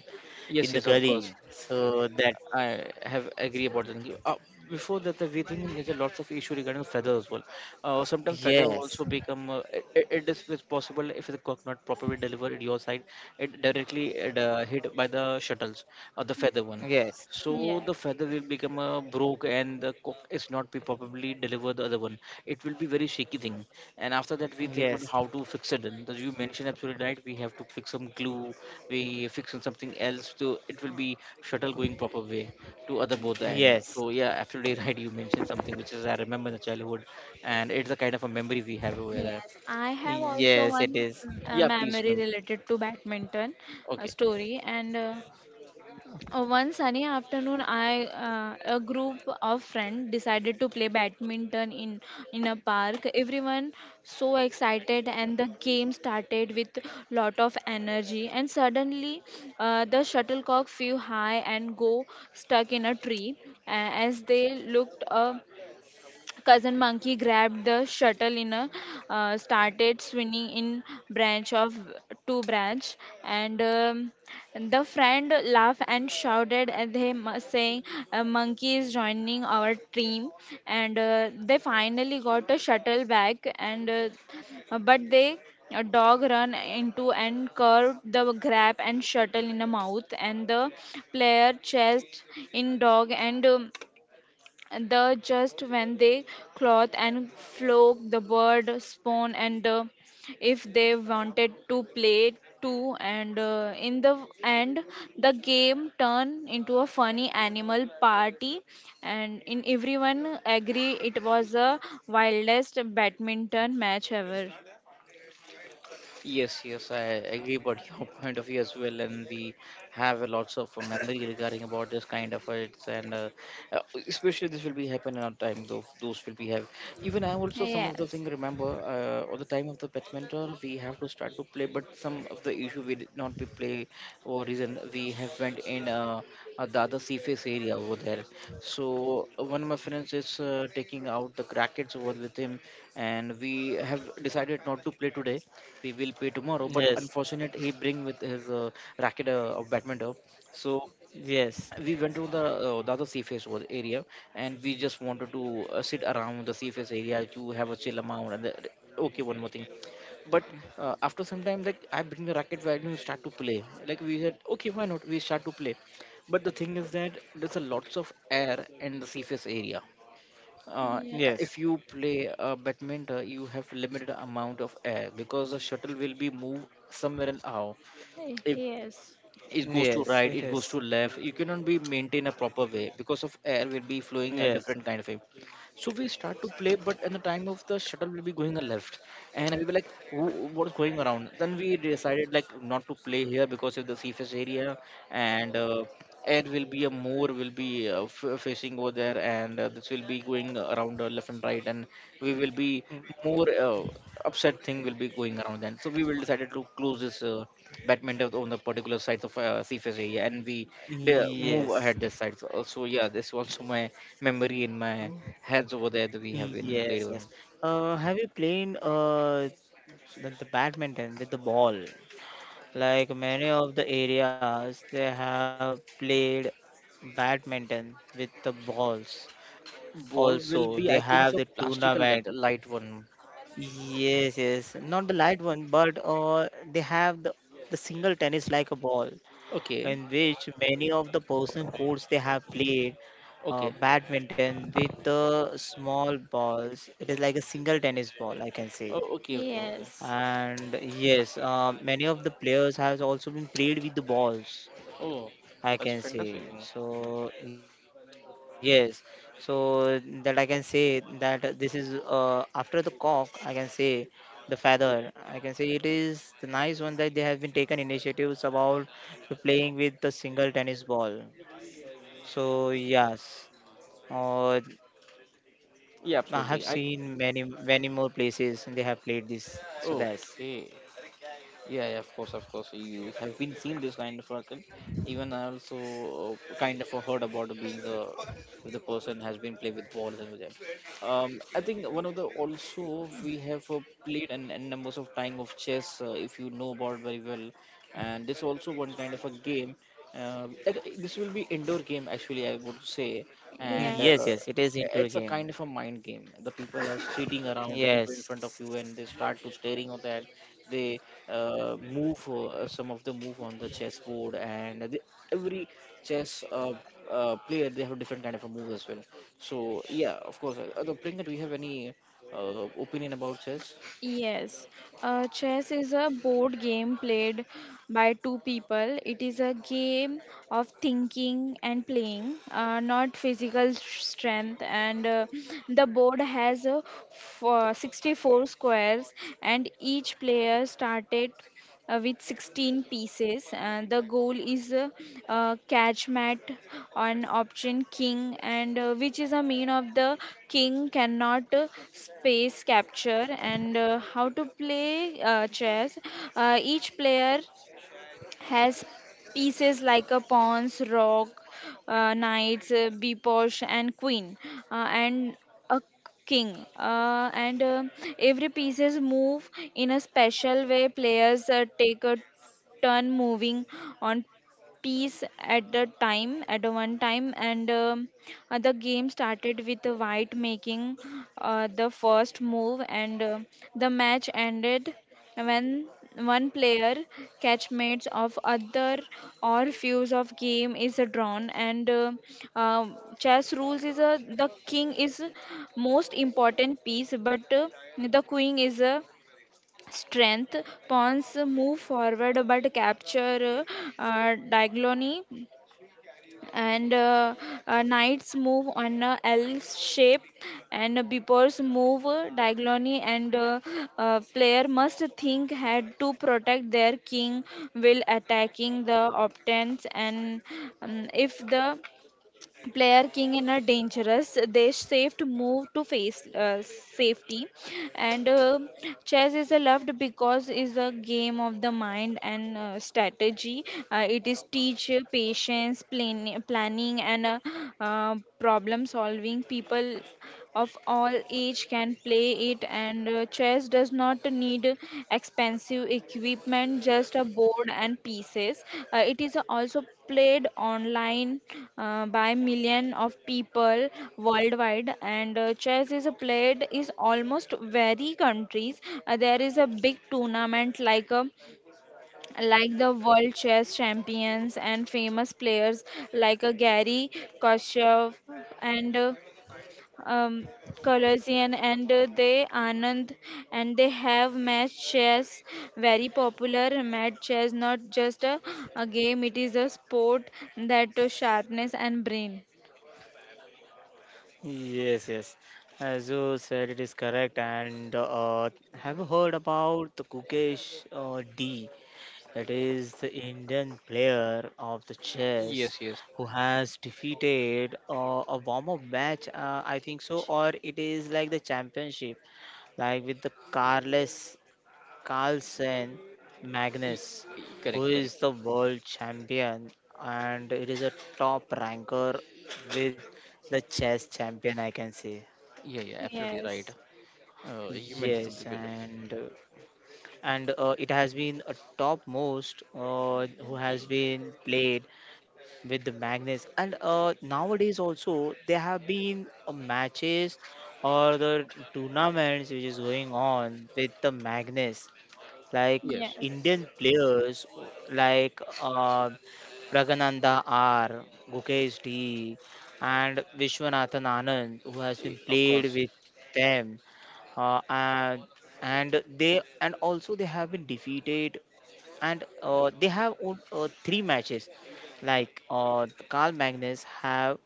[SPEAKER 3] in
[SPEAKER 1] Yes,
[SPEAKER 3] the
[SPEAKER 1] yes, of course.
[SPEAKER 3] gully. So that,
[SPEAKER 1] I have agree about that. Before that, we think there's a lots of issue regarding feather as well. Sometimes feather
[SPEAKER 3] yes,
[SPEAKER 1] also become it's possible if the cock not properly delivered at your side, it directly hit by the shuttles or the feather one.
[SPEAKER 3] yes.
[SPEAKER 1] So the
[SPEAKER 2] Yes,
[SPEAKER 1] feather will become a broke, and the cook is not be probably deliver the other one. It will be very shaky thing. And after that we think about
[SPEAKER 3] Yes,
[SPEAKER 1] how to fix it. And as you mentioned absolutely right, we have to fix some glue, we fix on something else, so it will be shuttle going proper way to other both the end.
[SPEAKER 3] yes,
[SPEAKER 1] So yeah, absolutely right. You mentioned something which is I remember in the childhood, and it's a kind of a memory we have over there.
[SPEAKER 2] yes. I have also
[SPEAKER 3] yes, it
[SPEAKER 2] one
[SPEAKER 3] is.
[SPEAKER 1] Yeah, please,
[SPEAKER 2] memory
[SPEAKER 1] ma'am.
[SPEAKER 2] related to badminton
[SPEAKER 1] Okay.
[SPEAKER 2] story. And one sunny afternoon, I a group of friends decided to play badminton in a park. Everyone so excited, and the game started with lot of energy. And suddenly, the shuttlecock flew high and go stuck in a tree. A- as they looked up, Cousin Monkey grabbed the shuttle in a started swinging in branch of two branch, and the friend laughed and shouted at him, saying, "A monkey is joining our team." And they finally got a shuttle back, and but they a dog run into and curved the grab and shuttle in the mouth, and the player chased in dog and. The just when they cloth and flock the bird spawn, and if they wanted to play too, and in the end the game turned into a funny animal party, and in everyone agree it was the wildest badminton match ever.
[SPEAKER 1] Yes, yes, I agree about your point of view as well, and we have a lots of memory regarding about this kind of it's, and uh, especially this will be happen in our time. Though those will be have, even I also some of the
[SPEAKER 2] Yes.
[SPEAKER 1] thing remember at the time of the pet mentor we have to start to play, but some of the issue we did not be play or reason we have went in the other surface area over there. So one of my friends is taking out the crackets over with him, and we have decided not to play today, we will pay tomorrow, but
[SPEAKER 3] Yes,
[SPEAKER 1] unfortunate he bring with his racket of badminton. So
[SPEAKER 3] yes,
[SPEAKER 1] we went to the the other surface was area, and we just wanted to sit around the surface area to have a chill amount, and the, okay, one more thing. But after some time, like, I bring the racket, where you start to play, like we said, okay, why not we start to play. But the thing is that there's a lots of air in the surface area. uh,
[SPEAKER 2] Yes.
[SPEAKER 3] yes,
[SPEAKER 1] if you play badminton, you have limited amount of air because the shuttle will be moved somewhere and out, if
[SPEAKER 2] Yes.
[SPEAKER 1] it goes to
[SPEAKER 3] yes, it
[SPEAKER 1] right, it
[SPEAKER 3] is.
[SPEAKER 1] goes to left, you cannot be maintain a proper way because of air will be flowing a
[SPEAKER 3] Yes,
[SPEAKER 1] different kind of way. So we start to play, but in the time of the shuttle will be going a left, and we were like, what's going around," then we decided like not to play here because of the surface area, and air will be a more will be facing over there, and this will be going around left and right, and we will be
[SPEAKER 3] mm,
[SPEAKER 1] more upset thing will be going around then. So we will decided to close this badminton on the particular sides of CFS, and we they move
[SPEAKER 3] yes,
[SPEAKER 1] ahead this side. So yeah, this also my memory in my heads over there that we have been played
[SPEAKER 3] yes,
[SPEAKER 1] on.
[SPEAKER 3] yes. Have you played the, badminton with the ball? Like many of the areas, they have played badminton with the balls.
[SPEAKER 1] Ball will
[SPEAKER 3] Also,
[SPEAKER 1] be,
[SPEAKER 3] they
[SPEAKER 1] I think,
[SPEAKER 3] have
[SPEAKER 1] so
[SPEAKER 3] the
[SPEAKER 1] plastic light,
[SPEAKER 3] tournament.
[SPEAKER 1] light one.
[SPEAKER 3] Yes, yes, not the light one, but they have the single tennis like a ball,
[SPEAKER 1] Okay,
[SPEAKER 3] in which many of the person courts they have played
[SPEAKER 1] okay,
[SPEAKER 3] badminton with the small balls. It is like a single tennis ball, I can say.
[SPEAKER 1] oh, okay, okay, okay.
[SPEAKER 2] Yes.
[SPEAKER 3] And yes, many of the players has also been played with the balls.
[SPEAKER 1] Oh,
[SPEAKER 3] I
[SPEAKER 1] that's
[SPEAKER 3] can
[SPEAKER 1] fantastic.
[SPEAKER 3] say.
[SPEAKER 1] you know.
[SPEAKER 3] So yes, so that I can say that this is after the cock, I can say the feather, I can say it is the nice one that they have been taken initiatives about, to playing with the single tennis ball. So yes, uh,
[SPEAKER 1] Yeah,
[SPEAKER 3] I have
[SPEAKER 1] absolutely. I
[SPEAKER 3] seen many many more places they have played this, so that's
[SPEAKER 1] okay. Yeah, yeah, of course, of course. You have been seen this kind of person. Even I also kind of heard about being a, if the person has been played with balls and with them. I think one of the also we have played an numbers of time of chess if you know about very well, and this also one kind of a game. This will be indoor game, actually, I would say, and
[SPEAKER 3] yes, yes,
[SPEAKER 2] Yes.
[SPEAKER 3] it is indoor
[SPEAKER 1] it's a
[SPEAKER 3] game,
[SPEAKER 1] kind of a mind game, the people are sitting around, the people in front of
[SPEAKER 3] yes.
[SPEAKER 1] you, and they start to staring on that. They move some of the move on the chessboard, and every chess player, they have a different kind of a move as well. So yeah, of course, the Priyanka, do you have any opinion about chess?
[SPEAKER 2] Yes, chess is a board game played by two people. It is a game of thinking and playing, not physical sh- strength. And the board has f- 64 squares, and each player started with 16 pieces, and the goal is catch mat on option king, and which is a mean of the king cannot space capture. And how to play chess, each player has pieces like a pawns, rock, knights, biposh, and queen, and a king. And every pieces move in a special way. Players take a turn moving on piece at the time at the one time, and the game started with the white making the first move, and the match ended when one player catchmates of other or fuse of game is drawn, and chess rules is a the king is most important piece, but the queen is a strength. Pawns move forward but capture diagonally, and knights move on a L shape, and beepers move diagonally, and player must think ahead to protect their king while attacking the opponents, and if the player king in a dangerous, they saved move to face safety. And chess is a loved because is a game of the mind and strategy. It is teach patience plan- planning, and problem solving. People of all age can play it, and chess does not need expensive equipment, just a board and pieces. It is also played online by million of people worldwide, and chess is played is almost very countries. There is a big tournament like a like the world chess champions, and famous players like a Gary Kasparov and um, Colossian and they Anand, and they have match chess very popular match chess, not just a game, it is a sport that to sharpness and brain.
[SPEAKER 3] Yes, yes. As you said, it is correct. And have you heard about the Kukesh D? It is the Indian player of the chess
[SPEAKER 1] Yes, yes.
[SPEAKER 3] who has defeated a warm-up match, I think so, or it is like the championship, like with the Carles Carlsen
[SPEAKER 1] Y-
[SPEAKER 3] Magnus, who
[SPEAKER 1] Correct,
[SPEAKER 3] is
[SPEAKER 1] correct.
[SPEAKER 3] the world champion, and it is a top ranker with the chess champion, I can say.
[SPEAKER 1] Yeah, yeah, absolutely right.
[SPEAKER 2] Yes.
[SPEAKER 1] You mentioned
[SPEAKER 3] Yes,
[SPEAKER 1] something with it.
[SPEAKER 3] and it has been a top most who has been played with the Magnus. And nowadays also there have been matches or the tournaments which is going on with the Magnus, like
[SPEAKER 1] Yes,
[SPEAKER 2] Yes.
[SPEAKER 3] Indian players, like, Pragananda R, Gukesh D, and Vishwanathan Anand, who has been
[SPEAKER 1] of
[SPEAKER 3] played
[SPEAKER 1] course.
[SPEAKER 3] with them, uh, and and they, and also they have been defeated. And they have three matches, like, Carl Magnus have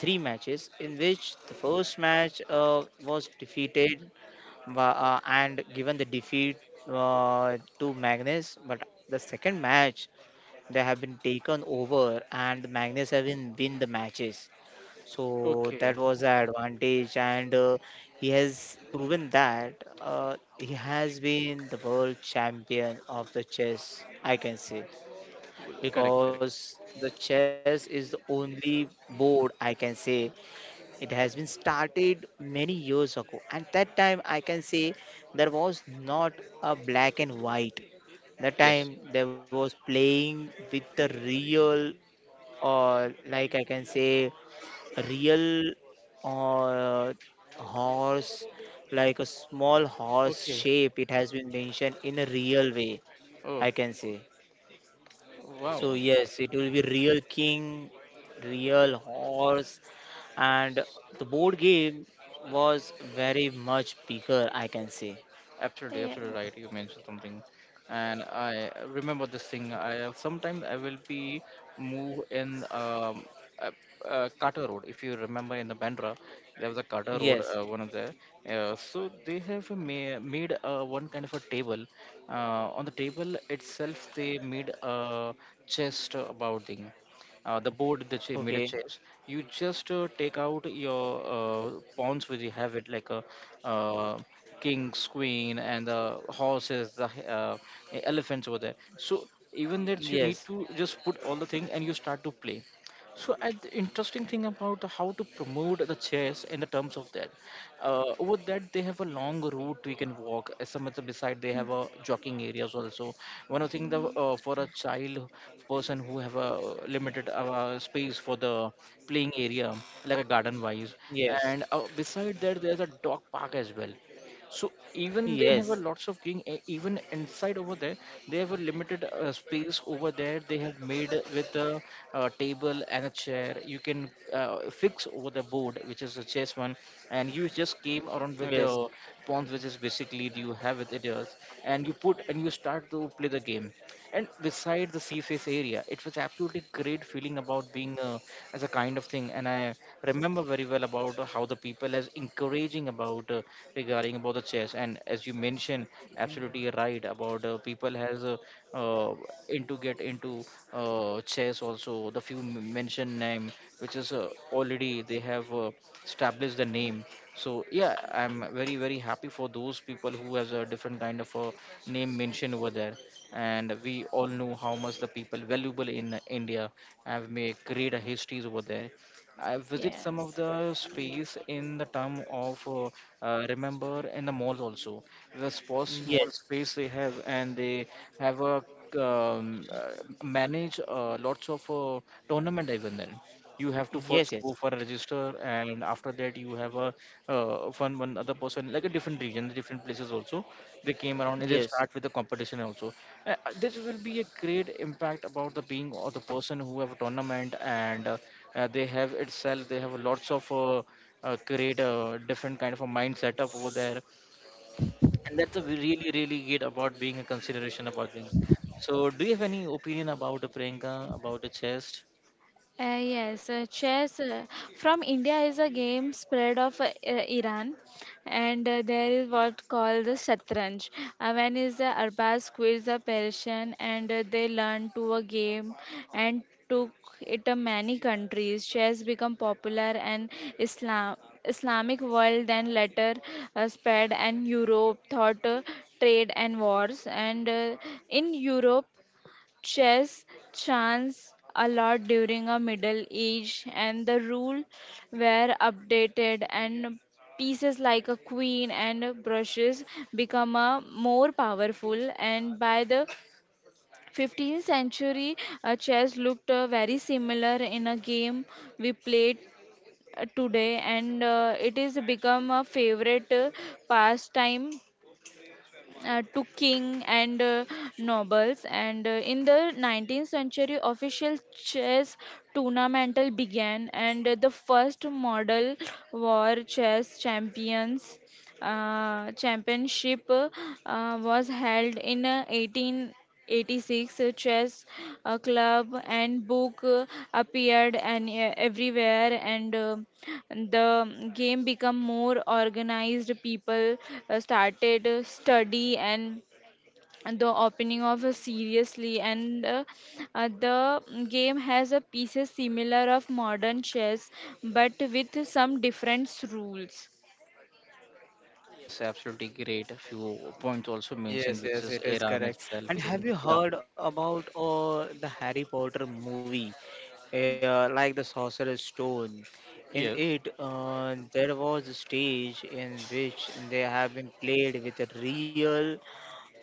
[SPEAKER 3] three matches in which the first match was defeated, but, and given the defeat to Magnus, but the second match they have been taken over, and Magnus have been win the matches. So
[SPEAKER 1] Okay,
[SPEAKER 3] that was the advantage. And he has proven that he has been the world champion of the chess, I can say,
[SPEAKER 1] well, correct,
[SPEAKER 3] because
[SPEAKER 1] correct.
[SPEAKER 3] the chess is the only board, I can say. It has been started many years ago, and that time I can say there was not a black and white. That
[SPEAKER 1] Yes.
[SPEAKER 3] time there was playing with the real, or like I can say, real or horse, like a small horse
[SPEAKER 1] Okay.
[SPEAKER 3] shape. It has been mentioned in a real way,
[SPEAKER 1] Oh,
[SPEAKER 3] I can say.
[SPEAKER 1] wow,
[SPEAKER 3] So yes, it will be real king, real horse, and the board game was very much bigger, I can say.
[SPEAKER 1] absolutely,
[SPEAKER 2] Yes.
[SPEAKER 1] absolutely right. You mentioned something, and I remember this thing. I sometimes I will be move in uh, Carter Road. If you remember in the Bandra, there was a Carter Road,
[SPEAKER 3] Yes.
[SPEAKER 1] one of the. So they have made one kind of a table. On the table itself, they made a chest about thing, the board that you
[SPEAKER 3] Okay.
[SPEAKER 1] made a chess, you just take out your pawns where you have it like a uh, king's queen and the horses, the elephants over there. So even that you need
[SPEAKER 3] Yes.
[SPEAKER 1] to just put all the thing, and you start to play. So, at the interesting thing about how to promote the chess in the terms of that, over that they have a long route we can walk. As some other beside, they have a jogging areas also. One of the thing that for a child person who have a limited space for the playing area like a garden wise,
[SPEAKER 3] Yes.
[SPEAKER 1] and beside that there's a dog park as well. So even they have
[SPEAKER 3] Yes.
[SPEAKER 1] a lots of king, even inside over there they have a limited space over there, they have made with a, table and a chair, you can fix over the board which is a chess one, and you just came around with
[SPEAKER 3] Yes.
[SPEAKER 1] the pawns which is basically you have with it yours, and you put and you start to play the game. And beside the sea face area, it was absolutely great feeling about being as a kind of thing, and I remember very well about how the people is encouraging about regarding about the chess, and as you mentioned absolutely right about people has uh, into get into chess also, the few mentioned name which is already they have established the name. So yeah, I'm very, very happy for those people who has a different kind of a name mentioned over there, and we all know how much the people valuable in India have made great histories over there. I visit some of
[SPEAKER 2] Yes.
[SPEAKER 1] the space in the term of remember in the malls also, the small small
[SPEAKER 3] Yes.
[SPEAKER 1] space they have, and they have a um, uh, manage lots of tournament. Even then, you have to first
[SPEAKER 3] Yes.
[SPEAKER 1] go
[SPEAKER 3] Yes.
[SPEAKER 1] for a register, and after that you have a one other person like a different region, different places also, they came around, and they start
[SPEAKER 3] Yes.
[SPEAKER 1] with the competition also. uh, this will be a great impact about the being or the person who have a tournament, and they have itself they have lots of create a different kind of a mind setup over there, and that's a really, really good about being a consideration about being. So, do you have any opinion about the Priyanka about the chest?
[SPEAKER 2] Yes, chess from India is a game spread of I- Iran, and there is what called the Shatranj. One the Arabs quiz the Persian, and they learned to a game and took it to many countries. Chess become popular and Islam Islamic world, then later spread and Europe thought trade and wars, and in Europe. Chess chance a lot during a Middle Age, and the rule were updated, and pieces like a queen and brushes become a more powerful. And by the 15th century, chess looked very similar in a game we played today, and it is become a favorite pastime to king and nobles, and in the 19th century official chess tournamental began, and the first model war chess champions championship was held in 1886. Chess club and book appeared and everywhere, and the game become more organized. People started study and the opening of a seriously, and the game has a pieces similar of modern chess but with some different rules.
[SPEAKER 1] Yes, absolutely great, a few points also mentioned
[SPEAKER 3] Yes,
[SPEAKER 1] which
[SPEAKER 3] yes,
[SPEAKER 1] is
[SPEAKER 3] it is
[SPEAKER 1] Iran
[SPEAKER 3] correct.
[SPEAKER 1] itself
[SPEAKER 3] And
[SPEAKER 1] because.
[SPEAKER 3] have you
[SPEAKER 1] Yeah,
[SPEAKER 3] heard about the Harry Potter movie, like the Sorcerer's Stone? In
[SPEAKER 1] yes,
[SPEAKER 3] it, there was a stage in which they have been played with a real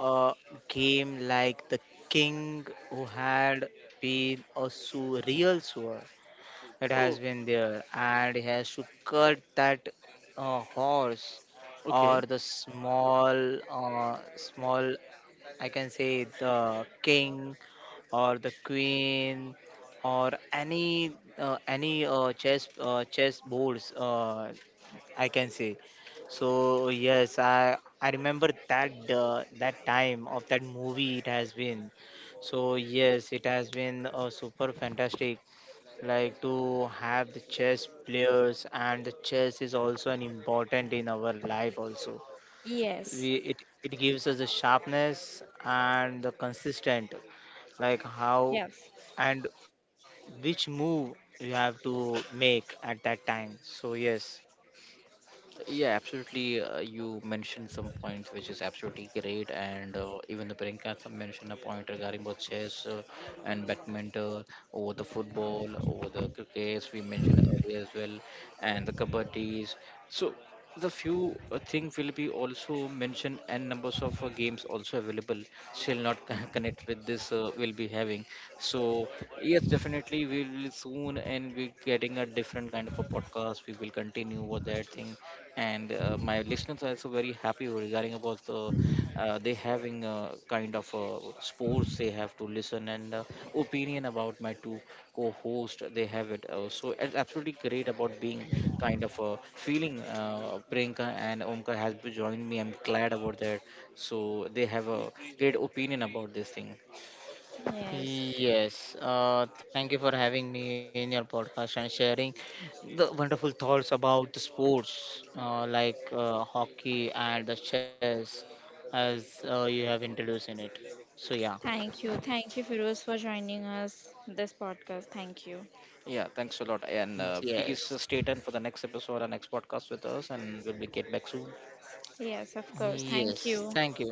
[SPEAKER 3] uh, game, like the king who had been a real sword that
[SPEAKER 1] oh,
[SPEAKER 3] has been there, and he has to cut that horse or
[SPEAKER 1] okay.
[SPEAKER 3] the small, uh, small I can say, the king or the queen or any chess boards, I can say. So yes, I remember that that time of that movie it has been. So yes, it has been super fantastic. Like to have the chess players, and the chess is also an important in our life also,
[SPEAKER 2] Yes.
[SPEAKER 3] we it it gives us the sharpness and the consistent, like how
[SPEAKER 2] Yes.
[SPEAKER 3] and which move you have to make at that time. So yes,
[SPEAKER 1] Yeah, absolutely. You mentioned some points which is absolutely great, and even the Priyanka mentioned a point regarding both chess and badminton, over the football, over the crickets. We mentioned earlier as well, and the kabaddis. So the few thing will be also mentioned, and numbers of games also available, shall not connect with this, will be having. So yes, definitely we will soon, and we getting a different kind of a podcast, we will continue with that thing. And my listeners are also very happy regarding about the they having a kind of sports they have to listen, and opinion about my two co-host, they have it, so it's absolutely great about being kind of feeling. Priyanka and Omkar has joined me, I'm glad about that. So they have a great opinion about this thing.
[SPEAKER 2] Yes.
[SPEAKER 3] yes, thank you for having me in your podcast and sharing the wonderful thoughts about the sports, like, hockey and the chess, as you have introduced in it. So, yeah,
[SPEAKER 2] Thank you. Thank you, Firoz, for joining us this podcast. Thank you.
[SPEAKER 1] Yeah, thanks a lot, and please
[SPEAKER 3] yes,
[SPEAKER 1] stay tuned for the next episode and next podcast with us, and we'll be get back soon.
[SPEAKER 2] Yes, of course. Thank
[SPEAKER 3] yes,
[SPEAKER 2] you.
[SPEAKER 3] thank you.